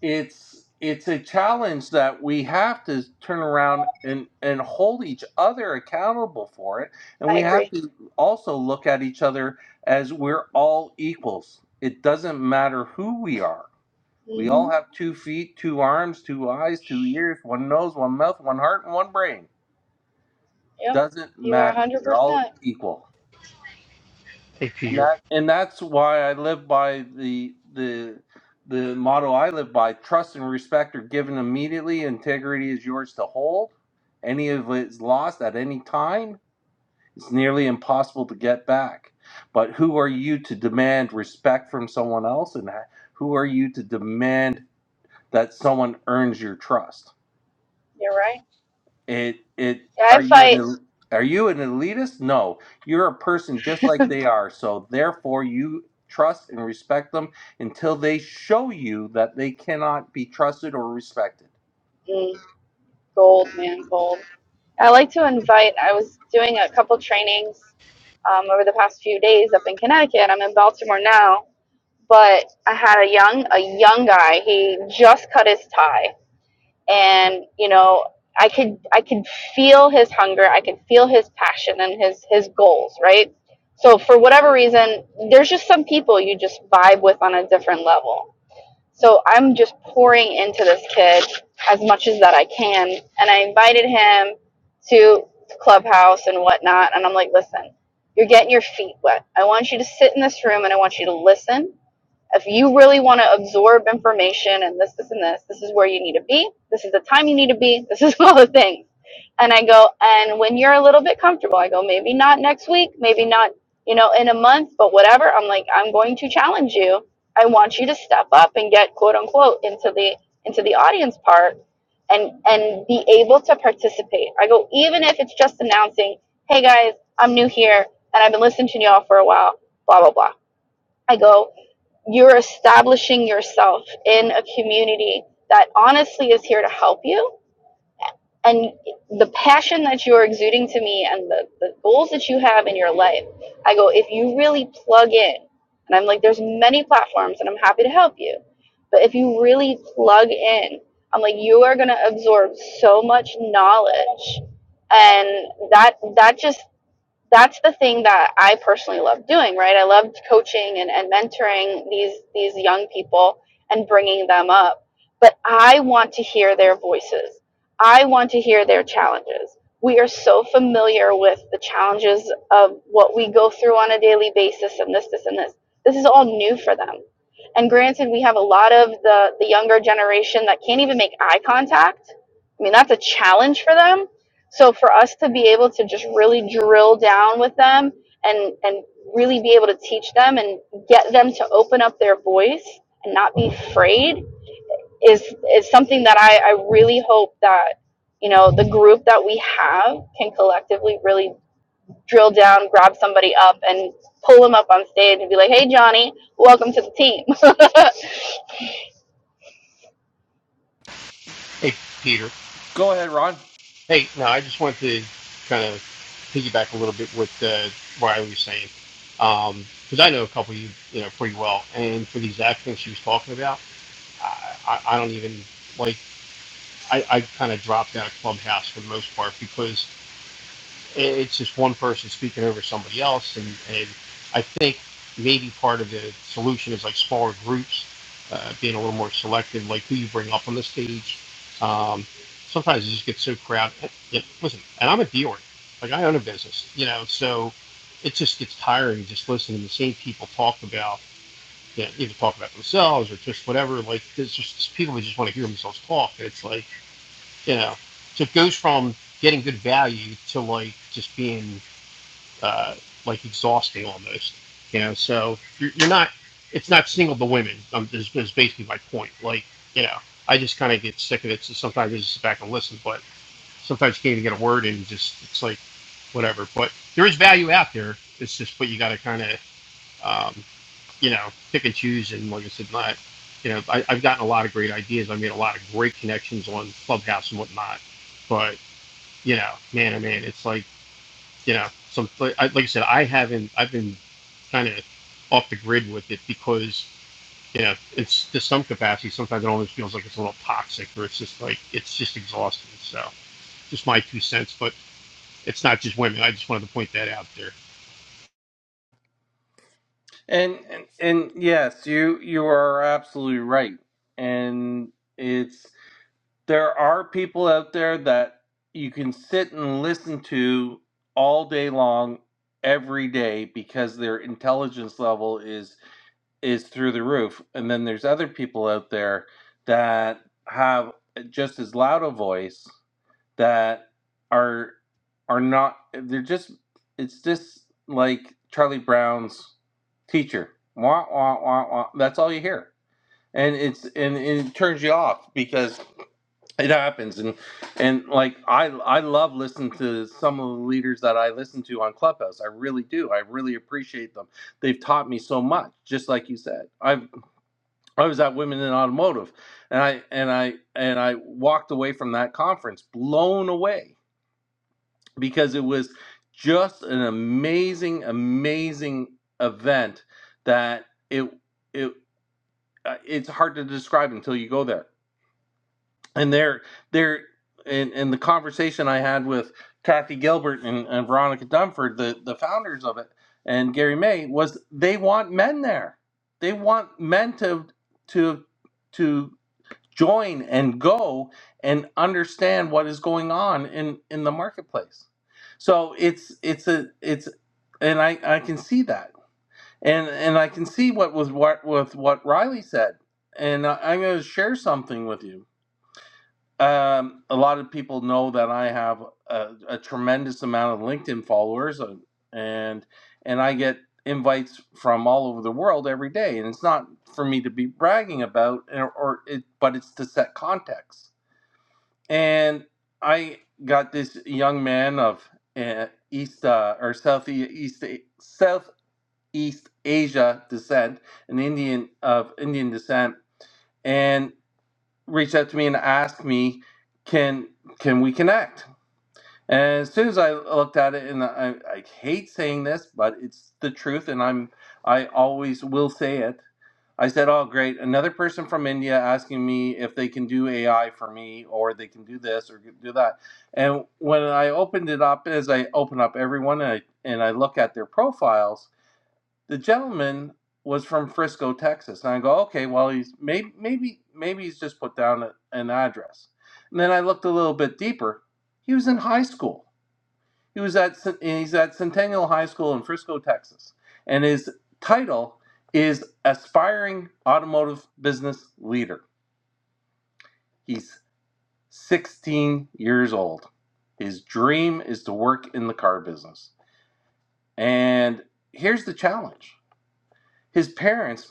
it's it's a challenge that we have to turn around and, and hold each other accountable for it. And
I
we have
agree.
to also look at each other as we're all equals. It doesn't matter who we are we all
hmm
have two feet, two arms, two eyes, two ears, one nose, one mouth, one heart, and one brain.
Yep,
Doesn't
you are
matter.
100%.
We're all equal.
Hey,
And
Peter.
that and that's why I live by the the the motto I live by, trust and respect are given immediately, integrity is yours to hold. Any of it is lost at any time, it's nearly impossible to get back. But who are you to demand respect from someone else and ha- who are you to demand that someone earns your trust?
You're right.
It it
Yeah,
are
I
you an
fight
el- are you an elitist? No, you're a person just like they are. So therefore, you trust and respect them until they show you that they cannot be trusted or respected.
mm, gold, man, gold. I like to invite, I was doing a couple trainings um, over the past few days up in Connecticut. I'm in Baltimore now, but I had a young, a young guy. He just cut his tie. and you know i could i could feel his hunger i could feel his passion and his his goals right so for whatever reason there's just some people you just vibe with on a different level so i'm just pouring into this kid as much as that i can and i invited him to clubhouse and whatnot and i'm like listen you're getting your feet wet i want you to sit in this room and i want you to listen if you really want to absorb information and this, this, and this, this is where you need to be. This is the time you need to be. This is all the things. And I go, and when you're a little bit comfortable, I go, maybe not next week, maybe not, you know, in a month, but whatever. I'm like, I'm going to challenge you. I want you to step up and get quote unquote into the into the audience part and and be able to participate. I go, even if it's just announcing, hey guys, I'm new here and I've been listening to y'all for a while, blah blah blah. I go, you're establishing yourself in a community that honestly is here to help you. And the passion that you're exuding to me and the, the goals that you have in your life, I go, if you really plug in, and I'm like, there's many platforms and I'm happy to help you. But if you really plug in, I'm like, you are going to absorb so much knowledge. And that, that just that's the thing that I personally love doing, right? I loved coaching and, and mentoring these these young people and bringing them up. But I want to hear their voices. I want to hear their challenges. We are so familiar with the challenges of what we go through on a daily basis and this, this, and this. This is all new for them. And granted, we have a lot of the, the younger generation that can't even make eye contact. I mean, that's a challenge for them so for us to be able to just really drill down with them and and really be able to teach them and get them to open up their voice and not be afraid is is something that I, I really hope that you know the group that we have can collectively really drill down, grab somebody up and pull them up on stage and be like, Hey Johnny, welcome to the team.
Hey, Peter.
Go ahead, Ron.
Hey, no, I just want to kind of piggyback a little bit with uh, Riley was saying, because I know a couple of you, you know, pretty well. And for these accents she was talking about, I, I, I don't even like. I, I kind of dropped out of clubhouse for the most part because it's just one person speaking over somebody else. And, and I think maybe part of the solution is like smaller groups, uh, being a little more selective, like who you bring up on the stage. Um, sometimes it just gets so crowded. Hey, Yeah, listen, and I'm a dealer, like I own a business, you know, so it just gets tiring just listening to the same people talk about. Yeah, either talk about themselves or just whatever. Like, there's just people who just want to hear themselves talk. It's like, you know, so it goes from getting good value to like just being uh, like exhausting almost. You know, so you're, you're not. It's not single the women. Um, is, is basically my point. Like you know, I just kind of get sick of it. So sometimes I just sit back and listen, but sometimes you can't even get a word in. Just it's like whatever. But there is value out there. It's just but you got to kind of um, you know pick and choose. And like I said, not you know I, I've gotten a lot of great ideas. I made a lot of great connections on Clubhouse and whatnot. But you know, man, I mean, it's like you know, some like I like said, I haven't. I've been kind of off the grid with it because you know it's to some capacity. Sometimes it almost feels like it's a little toxic, or it's just like it's just exhausting. So just my two cents, but it's not just women. I just wanted to point that out there.
And and, and yes, you you are absolutely right. And it's there are people out there that you can sit and listen to all day long every day because their intelligence level is is through the roof. And then there's other people out there that have just as loud a voice that are are not they're just it's just like Charlie Brown's teacher. Wah wah wah wah. That's all you hear. And it's and, and it turns you off because it happens and and like I I love listening to some of the leaders that I listen to on Clubhouse. I really do. I really appreciate them they've taught me so much just like you said i've I was at Women in Automotive, and I and I and I walked away from that conference blown away because it was just an amazing, amazing event that it it uh, it's hard to describe until you go there. And there there and and the conversation I had with Kathy Gilbert and, and Veronica Dunford, the the founders of it, and Gary May was they want men there. They want men to to to join and go and understand what is going on in in the marketplace so it's it's a it's and i i can see that and and i can see what was what with what riley said and I, i'm going to share something with you um a lot of people know that i have a, a tremendous amount of linkedin followers and and and i get invites from all over the world every day and it's not for me to be bragging about or, or it but it's to set context and I got this young man of uh, East uh, or Southeast Southeast Asia descent, an Indian of Indian descent, and reached out to me and asked me, "Can can we connect?" And as soon as I looked at it, and I, I hate saying this, but it's the truth, and I'm I always will say it. I said, "Oh, great! Another person from India asking me if they can do AI for me, or they can do this or do that." And when I opened it up, as I open up everyone and I, and I look at their profiles, the gentleman was from Frisco, Texas, and I go, "Okay, well, he's maybe maybe maybe he's just put down a, an address." And then I looked a little bit deeper. He was in high school he was at he's at Centennial High School in Frisco, Texas, and his title is aspiring automotive business leader. He's 16 years old. His dream is to work in the car business. And here's the challenge. His parents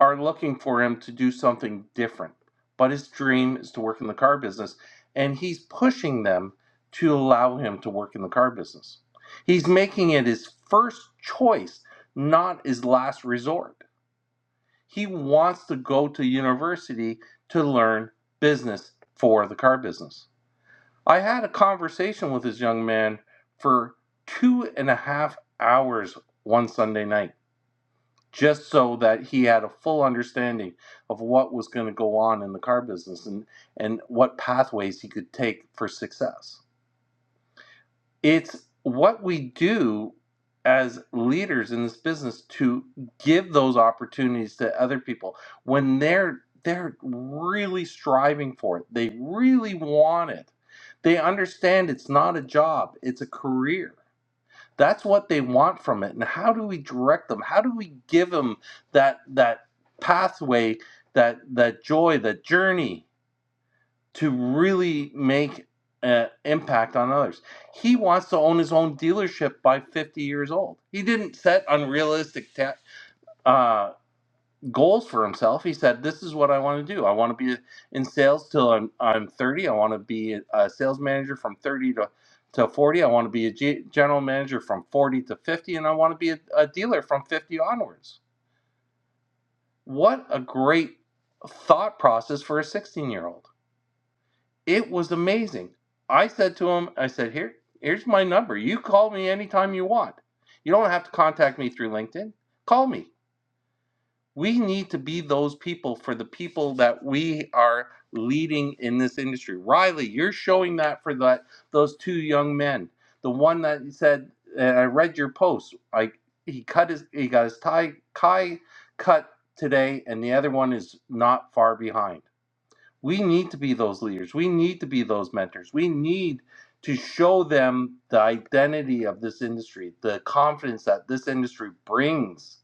are looking for him to do something different. But his dream is to work in the car business, and he's pushing them to allow him to work in the car business. He's making it his first choice, not his last resort. He wants to go to university to learn business for the car business. I had a conversation with this young man for two and a half hours one Sunday night just so that he had a full understanding of what was going to go on in the car business and, and what pathways he could take for success. It's what we do as leaders in this business to give those opportunities to other people when they're they're really striving for it. They really want it. They understand it's not a job, it's a career that's what they want from it. And how do we direct them? How do we give them that that pathway, that that joy, that journey to really make an impact on others? He wants to own his own dealership by 50 years old. He didn't set unrealistic ta- uh, goals for himself. He said, "This is what I want to do. I want to be in sales till I'm I'm 30. I want to be a sales manager from 30 to to 40. I want to be a G- general manager from 40 to 50, and I want to be a, a dealer from 50 onwards." What a great thought process for a 16 year old. It was amazing. I said to him, "I said here." Here's my number. You call me anytime you want. You don't have to contact me through LinkedIn. Call me. we need to be those people for the people that we are leading in this industry. Riley, you're showing that for that those two young men. The one that said, and I read your post. Like he cut his, he got his tie, tie cut today, and the other one is not far behind. We need to be those leaders. We need to be those mentors. We need to show them the identity of this industry, the confidence that this industry brings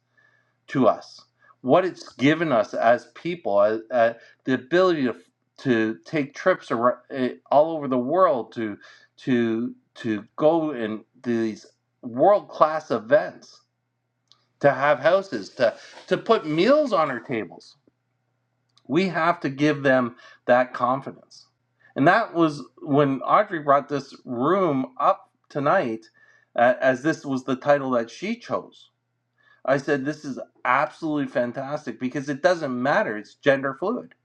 to us, what it's given us as people, uh, uh, the ability to to take trips around, uh, all over the world to to to go in these world class events, to have houses, to to put meals on our tables. We have to give them that confidence, and that was when Audrey brought this room up tonight, uh, as this was the title that she chose I said, this is absolutely fantastic because it doesn't matter. It's gender fluid.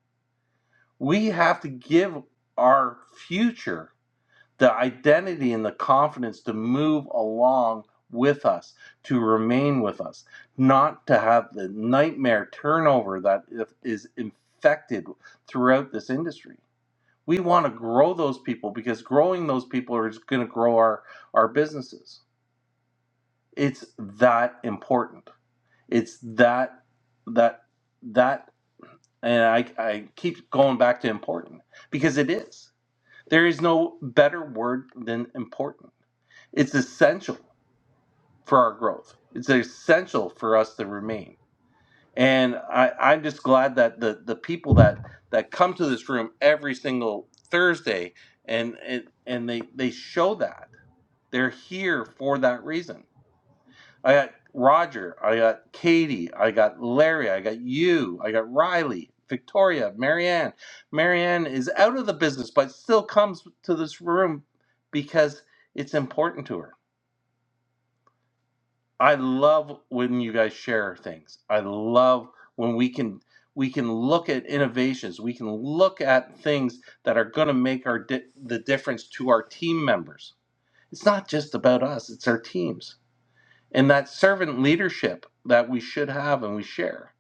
We have to give our future the identity and the confidence to move along with us, to remain with us, not to have the nightmare turnover that is infected throughout this industry. We want to grow those people because growing those people is going to grow our, our businesses. It's that important. It's that that that and I I keep going back to important because it is. There is no better word than important. It's essential for our growth. It's essential for us to remain. And I, I'm just glad that the, the people that, that come to this room every single Thursday and and, and they, they show that. They're here for that reason I got Roger. I got Katie. I got Larry. I got you. I got Riley, Victoria, Marianne. Marianne is out of the business, but still comes to this room because it's important to her. I love when you guys share things. I love when we can we can look at innovations. We can look at things that are going to make our di- the difference to our team members. It's not just about us; it's our teams and that servant leadership that we should have and we share.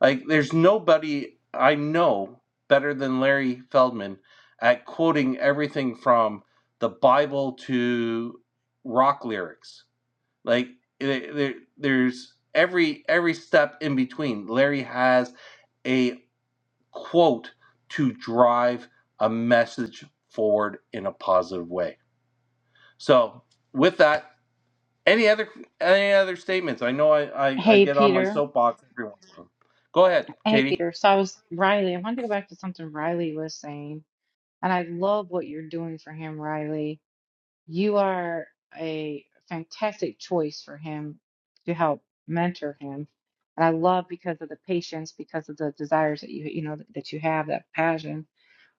Like, there's nobody I know better than Larry Feldman at quoting everything from the Bible to rock lyrics. Like, there, there's every every step in between. Larry has a quote to drive a message forward in a positive way. So, with that, any other any other statements? I know I, I, I
Hey,
get on my
Peter.
soapbox every once in a while. Go ahead,
Hey,
Katie.
Peter. So I was Riley. I wanted to go back to something Riley was saying. And I love what you're doing for him, Riley. You are a fantastic choice for him to help mentor him. And I love because of the patience, because of the desires that you you know that you have, that passion.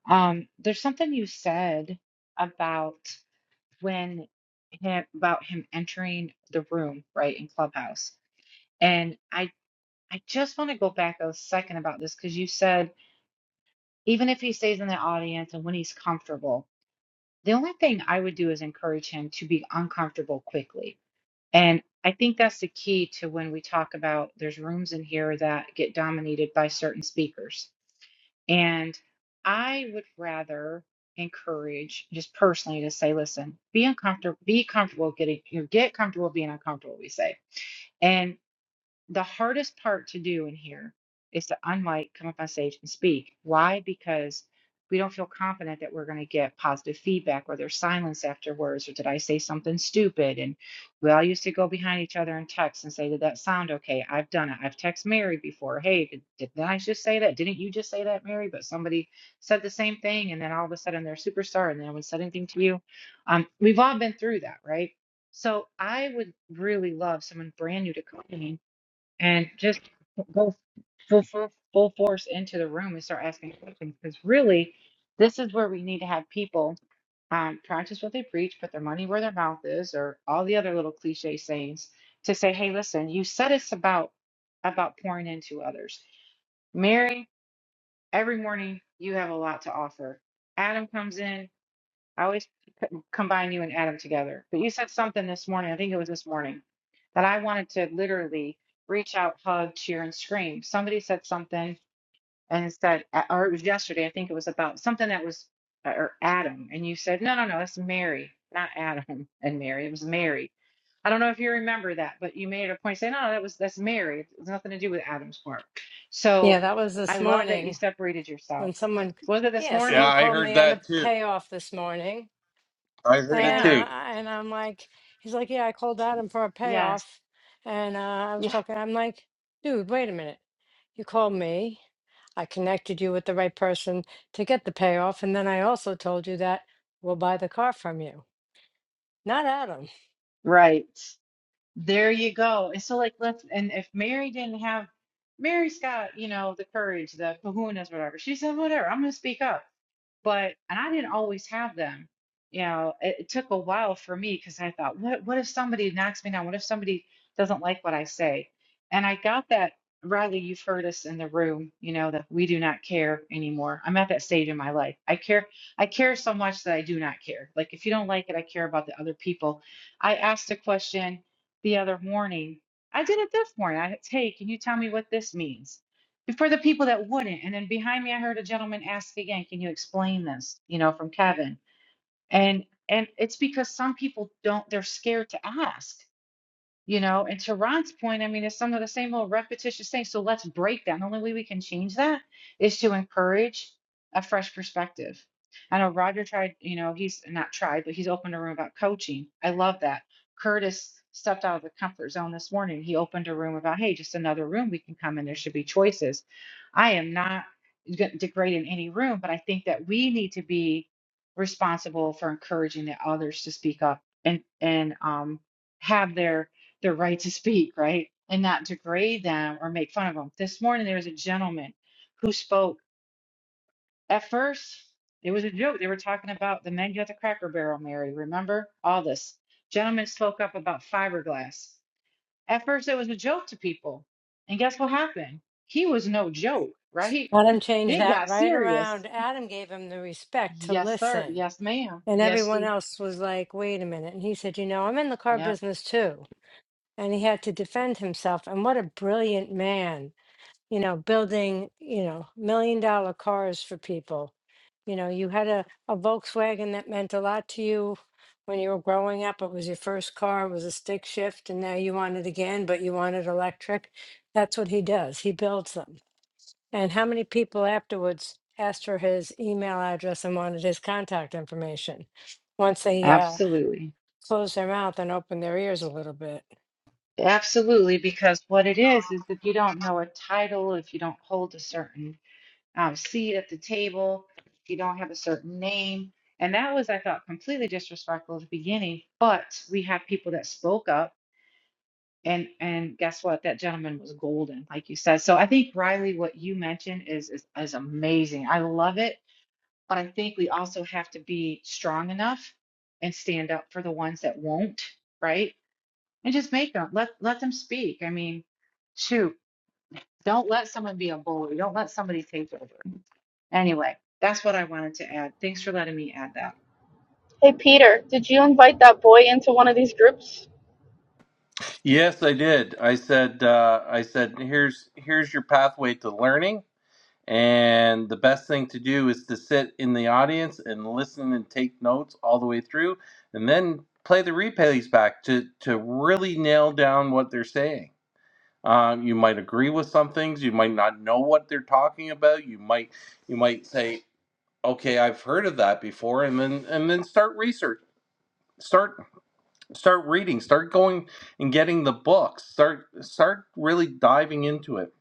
Um, there's something you said about when him about him entering the room, right, in Clubhouse. And I I just want to go back a second about this because you said even if he stays in the audience and when he's comfortable, The only thing I would do is encourage him to be uncomfortable quickly. And I think that's the key to when we talk about there's rooms in here that get dominated by certain speakers. And I would rather encourage just personally to say, listen, be uncomfortable, be comfortable getting, you know, get comfortable being uncomfortable, we say. and the hardest part to do in here is to unmic, come up on stage and speak. Why? Because we don't feel confident that we're going to get positive feedback or there's silence afterwards or did I say something stupid? And we all used to go behind each other and text and say, did that sound okay? I've done it. I've texted Mary before. Hey, did, didn't I just say that? Didn't you just say that, Mary? But somebody said the same thing and then all of a sudden they're a superstar and no one said anything to you. Um, we've all been through that, right? So I would really love someone brand new to come in and just go full, full, full force into the room and start asking questions because really this is where we need to have people um, practice what they preach put their money where their mouth is or all the other little cliche sayings to say hey listen you said it's about about pouring into others mary every morning you have a lot to offer adam comes in I always c- combine you and Adam together. But you said something this morning, I think it was this morning, that I wanted to literally reach out, hug, cheer, and scream. Somebody said something and it said, or it was yesterday, I think it was about something that was, uh, or Adam. And you said, no, no, no, that's Mary, not Adam and Mary. It was Mary. I don't know if you remember that, but you made it a point saying, no, no, that was, that's Mary. It's nothing to do with Adam's work. So
Yeah, that was
I
this
love that you
morning
separated yourself.
when someone,
Was it this
yeah,
Yeah,
someone
morning?
I
called
heard
me on a
that too.
payoff this morning,
I heard it
and
Yeah.
uh,
too.
and I'm like, he's like, yeah, I called Adam for a
Yes.
payoff, and uh, I was talking, I'm like, dude, wait a minute, you called me, I connected you with the right person to get the payoff, and then I also told you that we'll buy the car from you, not Adam.
Right. There you go. And so, like, let's, and if Mary didn't have, Mary's got, you know, the courage, the kahunas, whatever. She said, whatever, I'm going to speak up but and I didn't always have them. You know, it, it took a while for me because I thought, what what if somebody knocks me down? What if somebody doesn't like what I say? And I got that, Riley, you've heard us in the room, you know, that we do not care anymore. I'm at that stage in my life. I care I care so much that I do not care. Like if you don't like it, I care about the other people. I asked a question the other morning. I did it this morning. I said, hey, can you tell me what this means? for the people that wouldn't. And then behind me, I heard a gentleman ask again, "Can you explain this?" You know, from Kevin. And and it's because some people don't. They're scared to ask. You know, and to Ron's point, I mean, it's some of the same old repetitious things. So let's break that. And The only way we can change that is to encourage a fresh perspective. I know Roger tried, you know, he's not tried, but he's opened a room about coaching. I love that. Curtis stepped out of the comfort zone this morning. He opened a room about, hey, just another room we can come in. There should be choices. I am not g- degrading any room, but I think that we need to be responsible for encouraging the others to speak up and and um have their their right to speak, right? And not degrade them or make fun of them. This morning, there was a gentleman who spoke. At first, it was a joke. They were talking about the menu at the Cracker Barrel, Mary. Remember all this? Gentleman spoke up about fiberglass. At first, it was a joke to people. And guess what happened? He was no joke, right?
Adam changed
It
that
got
right
serious.
around. Adam gave him the respect to
Yes, sir.
listen
Yes, ma'am.
And
Yes,
everyone
she.
else was like, wait a minute. And he said, you know, I'm in the car
Yep.
business too. And he had to defend himself. And what a brilliant man, you know, building, you know, million dollar cars for people. You know, you had a, a Volkswagen that meant a lot to you when you were growing up. It was your first car, it was a stick shift, and now you want it again, but you want it electric. That's what he does. He builds them. And how many people afterwards asked for his email address and wanted his contact information once they uh,
Absolutely.
closed their mouth and opened their ears a little bit?
Absolutely, because what it is is if you don't know a title, if you don't hold a certain um, seat at the table, if you don't have a certain name, and that was, I thought, completely disrespectful at the beginning. But we have people that spoke up, and and guess what? That gentleman was golden, like you said. So I think Riley, what you mentioned is is, is amazing. I love it, but I think we also have to be strong enough and stand up for the ones that won't, right? and just make them let let them speak. I mean, shoot, don't let someone be a bully. Don't let somebody take over. Anyway, that's what I wanted to add. Thanks for letting me add that.
hey Peter, did you invite that boy into one of these groups?
Yes, I did. I said uh, I said here's here's your pathway to learning, and the best thing to do is to sit in the audience and listen and take notes all the way through, and then play the replays back to to really nail down what they're saying Uh, you might agree with some things. You might not know what they're talking about. You might you might say, "Okay, I've heard of that before," and then and then start research, start start reading, start going and getting the books, start start really diving into it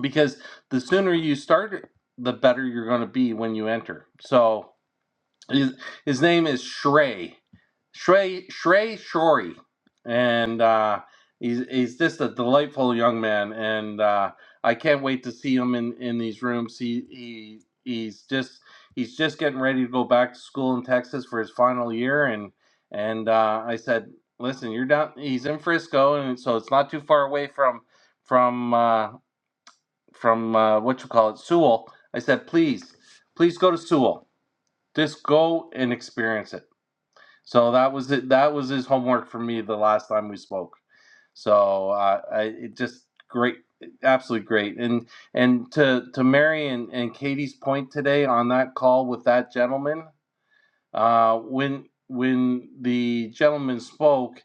because the sooner you start, the better you're going to be when you enter. So his, his name is Shrey. Shrey Shrey Shori, and uh, he's he's just a delightful young man, and uh, I can't wait to see him in in these rooms. He he he's just he's just getting ready to go back to school in Texas for his final year, and and uh, I said, listen, you're down. He's in Frisco, and so it's not too far away from from uh, from uh, what you call it, Sewell. I said, please, please go to Sewell just go and experience it. So that was it. That was his homework for me the last time we spoke. So uh, I it just great, absolutely great. And and to to Mary and, and Katie's point today on that call with that gentleman, uh, when when the gentleman spoke,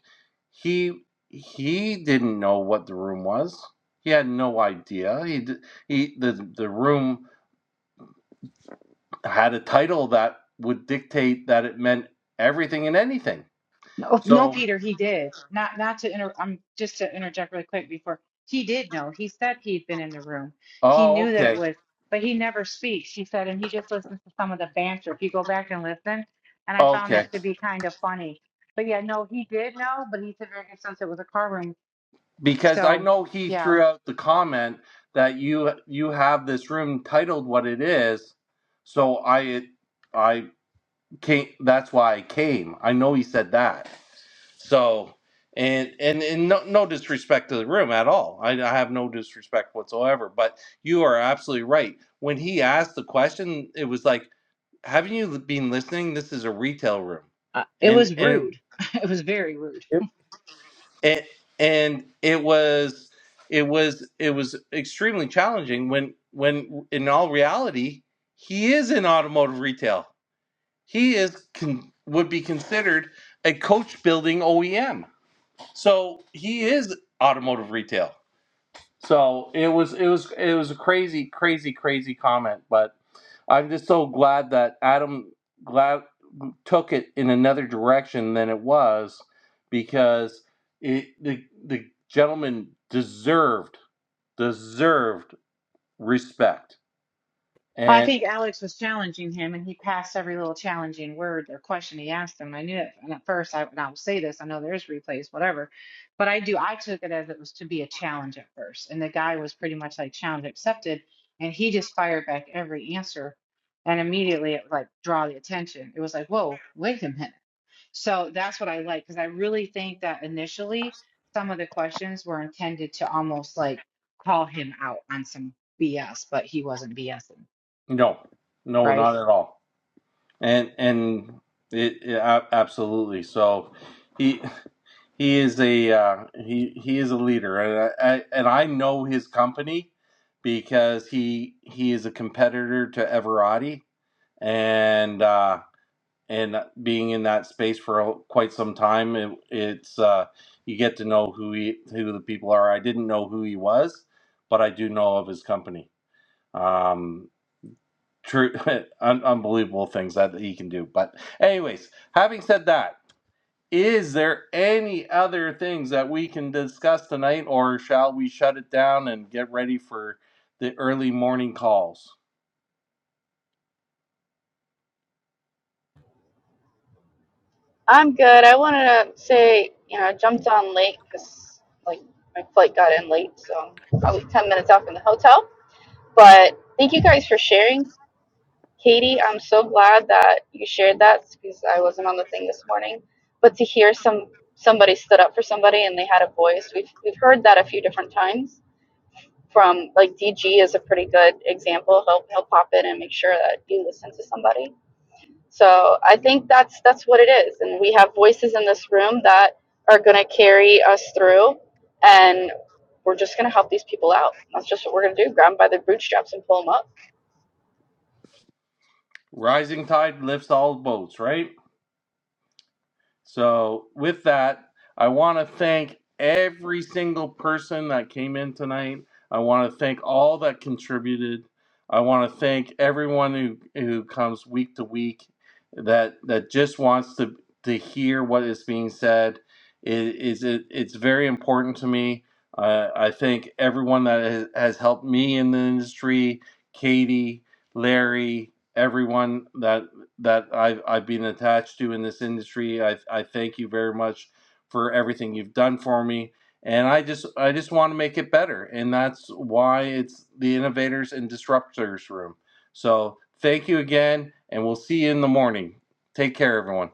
he he didn't know what the room was. He had no idea. He he the the room had a title that would dictate that it meant everything and anything.
No, no,
So,
Peter, he did. Not not to inter I'm just to interject really quick before he did know. He said he'd been in the room. He
oh,
knew that it
okay,
was, but he never speaks. He said, and he just listens to some of the banter. If you go back and listen, and I found
okay,
that to be kind of funny. But yeah, no, he did know, but he said very good sense it was a car room.
because I
So
know he
yeah,
threw out the comment that you you have this room titled what it is. So I I came. That's why I came. I know he said that. So. And, and and no no disrespect to the room at all. I, I have no disrespect whatsoever. But you are absolutely right. When he asked the question, it was like, haven't you been listening? This is a retail room,
Uh, it
and
was
and
rude. it was very rude.
it, it and it was it was it was extremely challenging when when in all reality he is in automotive retail. He is con, would be considered a coach building OEM. So he is automotive retail. So it was it was it was a crazy crazy crazy comment, but I'm just so glad that Adam glad took it in another direction than it was because it, the the gentleman deserved deserved respect
Well, I
and
think Alex was challenging him, and he passed every little challenging word or question he asked him. And I knew it. And at first, I, and I will say this: I know there's replays, whatever, but I do. I took it as it was to be a challenge at first, and the guy was pretty much like challenge accepted, and he just fired back every answer, and immediately it like draw the attention. It was like, whoa, wait a minute. So that's what I like because I really think that initially some of the questions were intended to almost like call him out on some BS, but he wasn't BSing,
no no
right?
not at all and and it, it a- absolutely so he he is a uh, he he is a leader and I, I and I know his company because he he is a competitor to Everati and uh, and being in that space for a- quite some time, it, it's uh, you get to know who he, who the people are. I didn't know who he was, but I do know of his company. Um, true, un- unbelievable things that he can do. But anyways, having said that, is there any other things that we can discuss tonight, or shall we shut it down and get ready for the early morning calls?
I'm good. I wanted to say, you know, I jumped on late because, like, my flight got in late, so I'm probably 10 minutes out from the hotel. But thank you guys for sharing. Katie, I'm so glad that you shared that because I wasn't on the thing this morning. But to hear some somebody stood up for somebody and they had a voice, we've, we've heard that a few different times from, like, DG is a pretty good example. He'll, he'll pop in and make sure that you listen to somebody so I think that's that's what it is, and we have voices in this room that are going to carry us through, and we're just going to help these people out. That's just what we're going to do: grab them by the bootstraps and pull them up.
Rising tide lifts all boats, right? So, with that, I want to thank every single person that came in tonight. I want to thank all that contributed. I want to thank everyone who, who comes week to week that that just wants to to hear what is being said. It is it, it's very important to me. Uh, I thank everyone that has, has helped me in the industry, Katie, Larry, everyone that that I've I've been attached to in this industry. I I thank you very much for everything you've done for me. And I just I just want to make it better. And that's why it's the innovators and disruptors room. So thank you again and we'll see you in the morning. Take care everyone.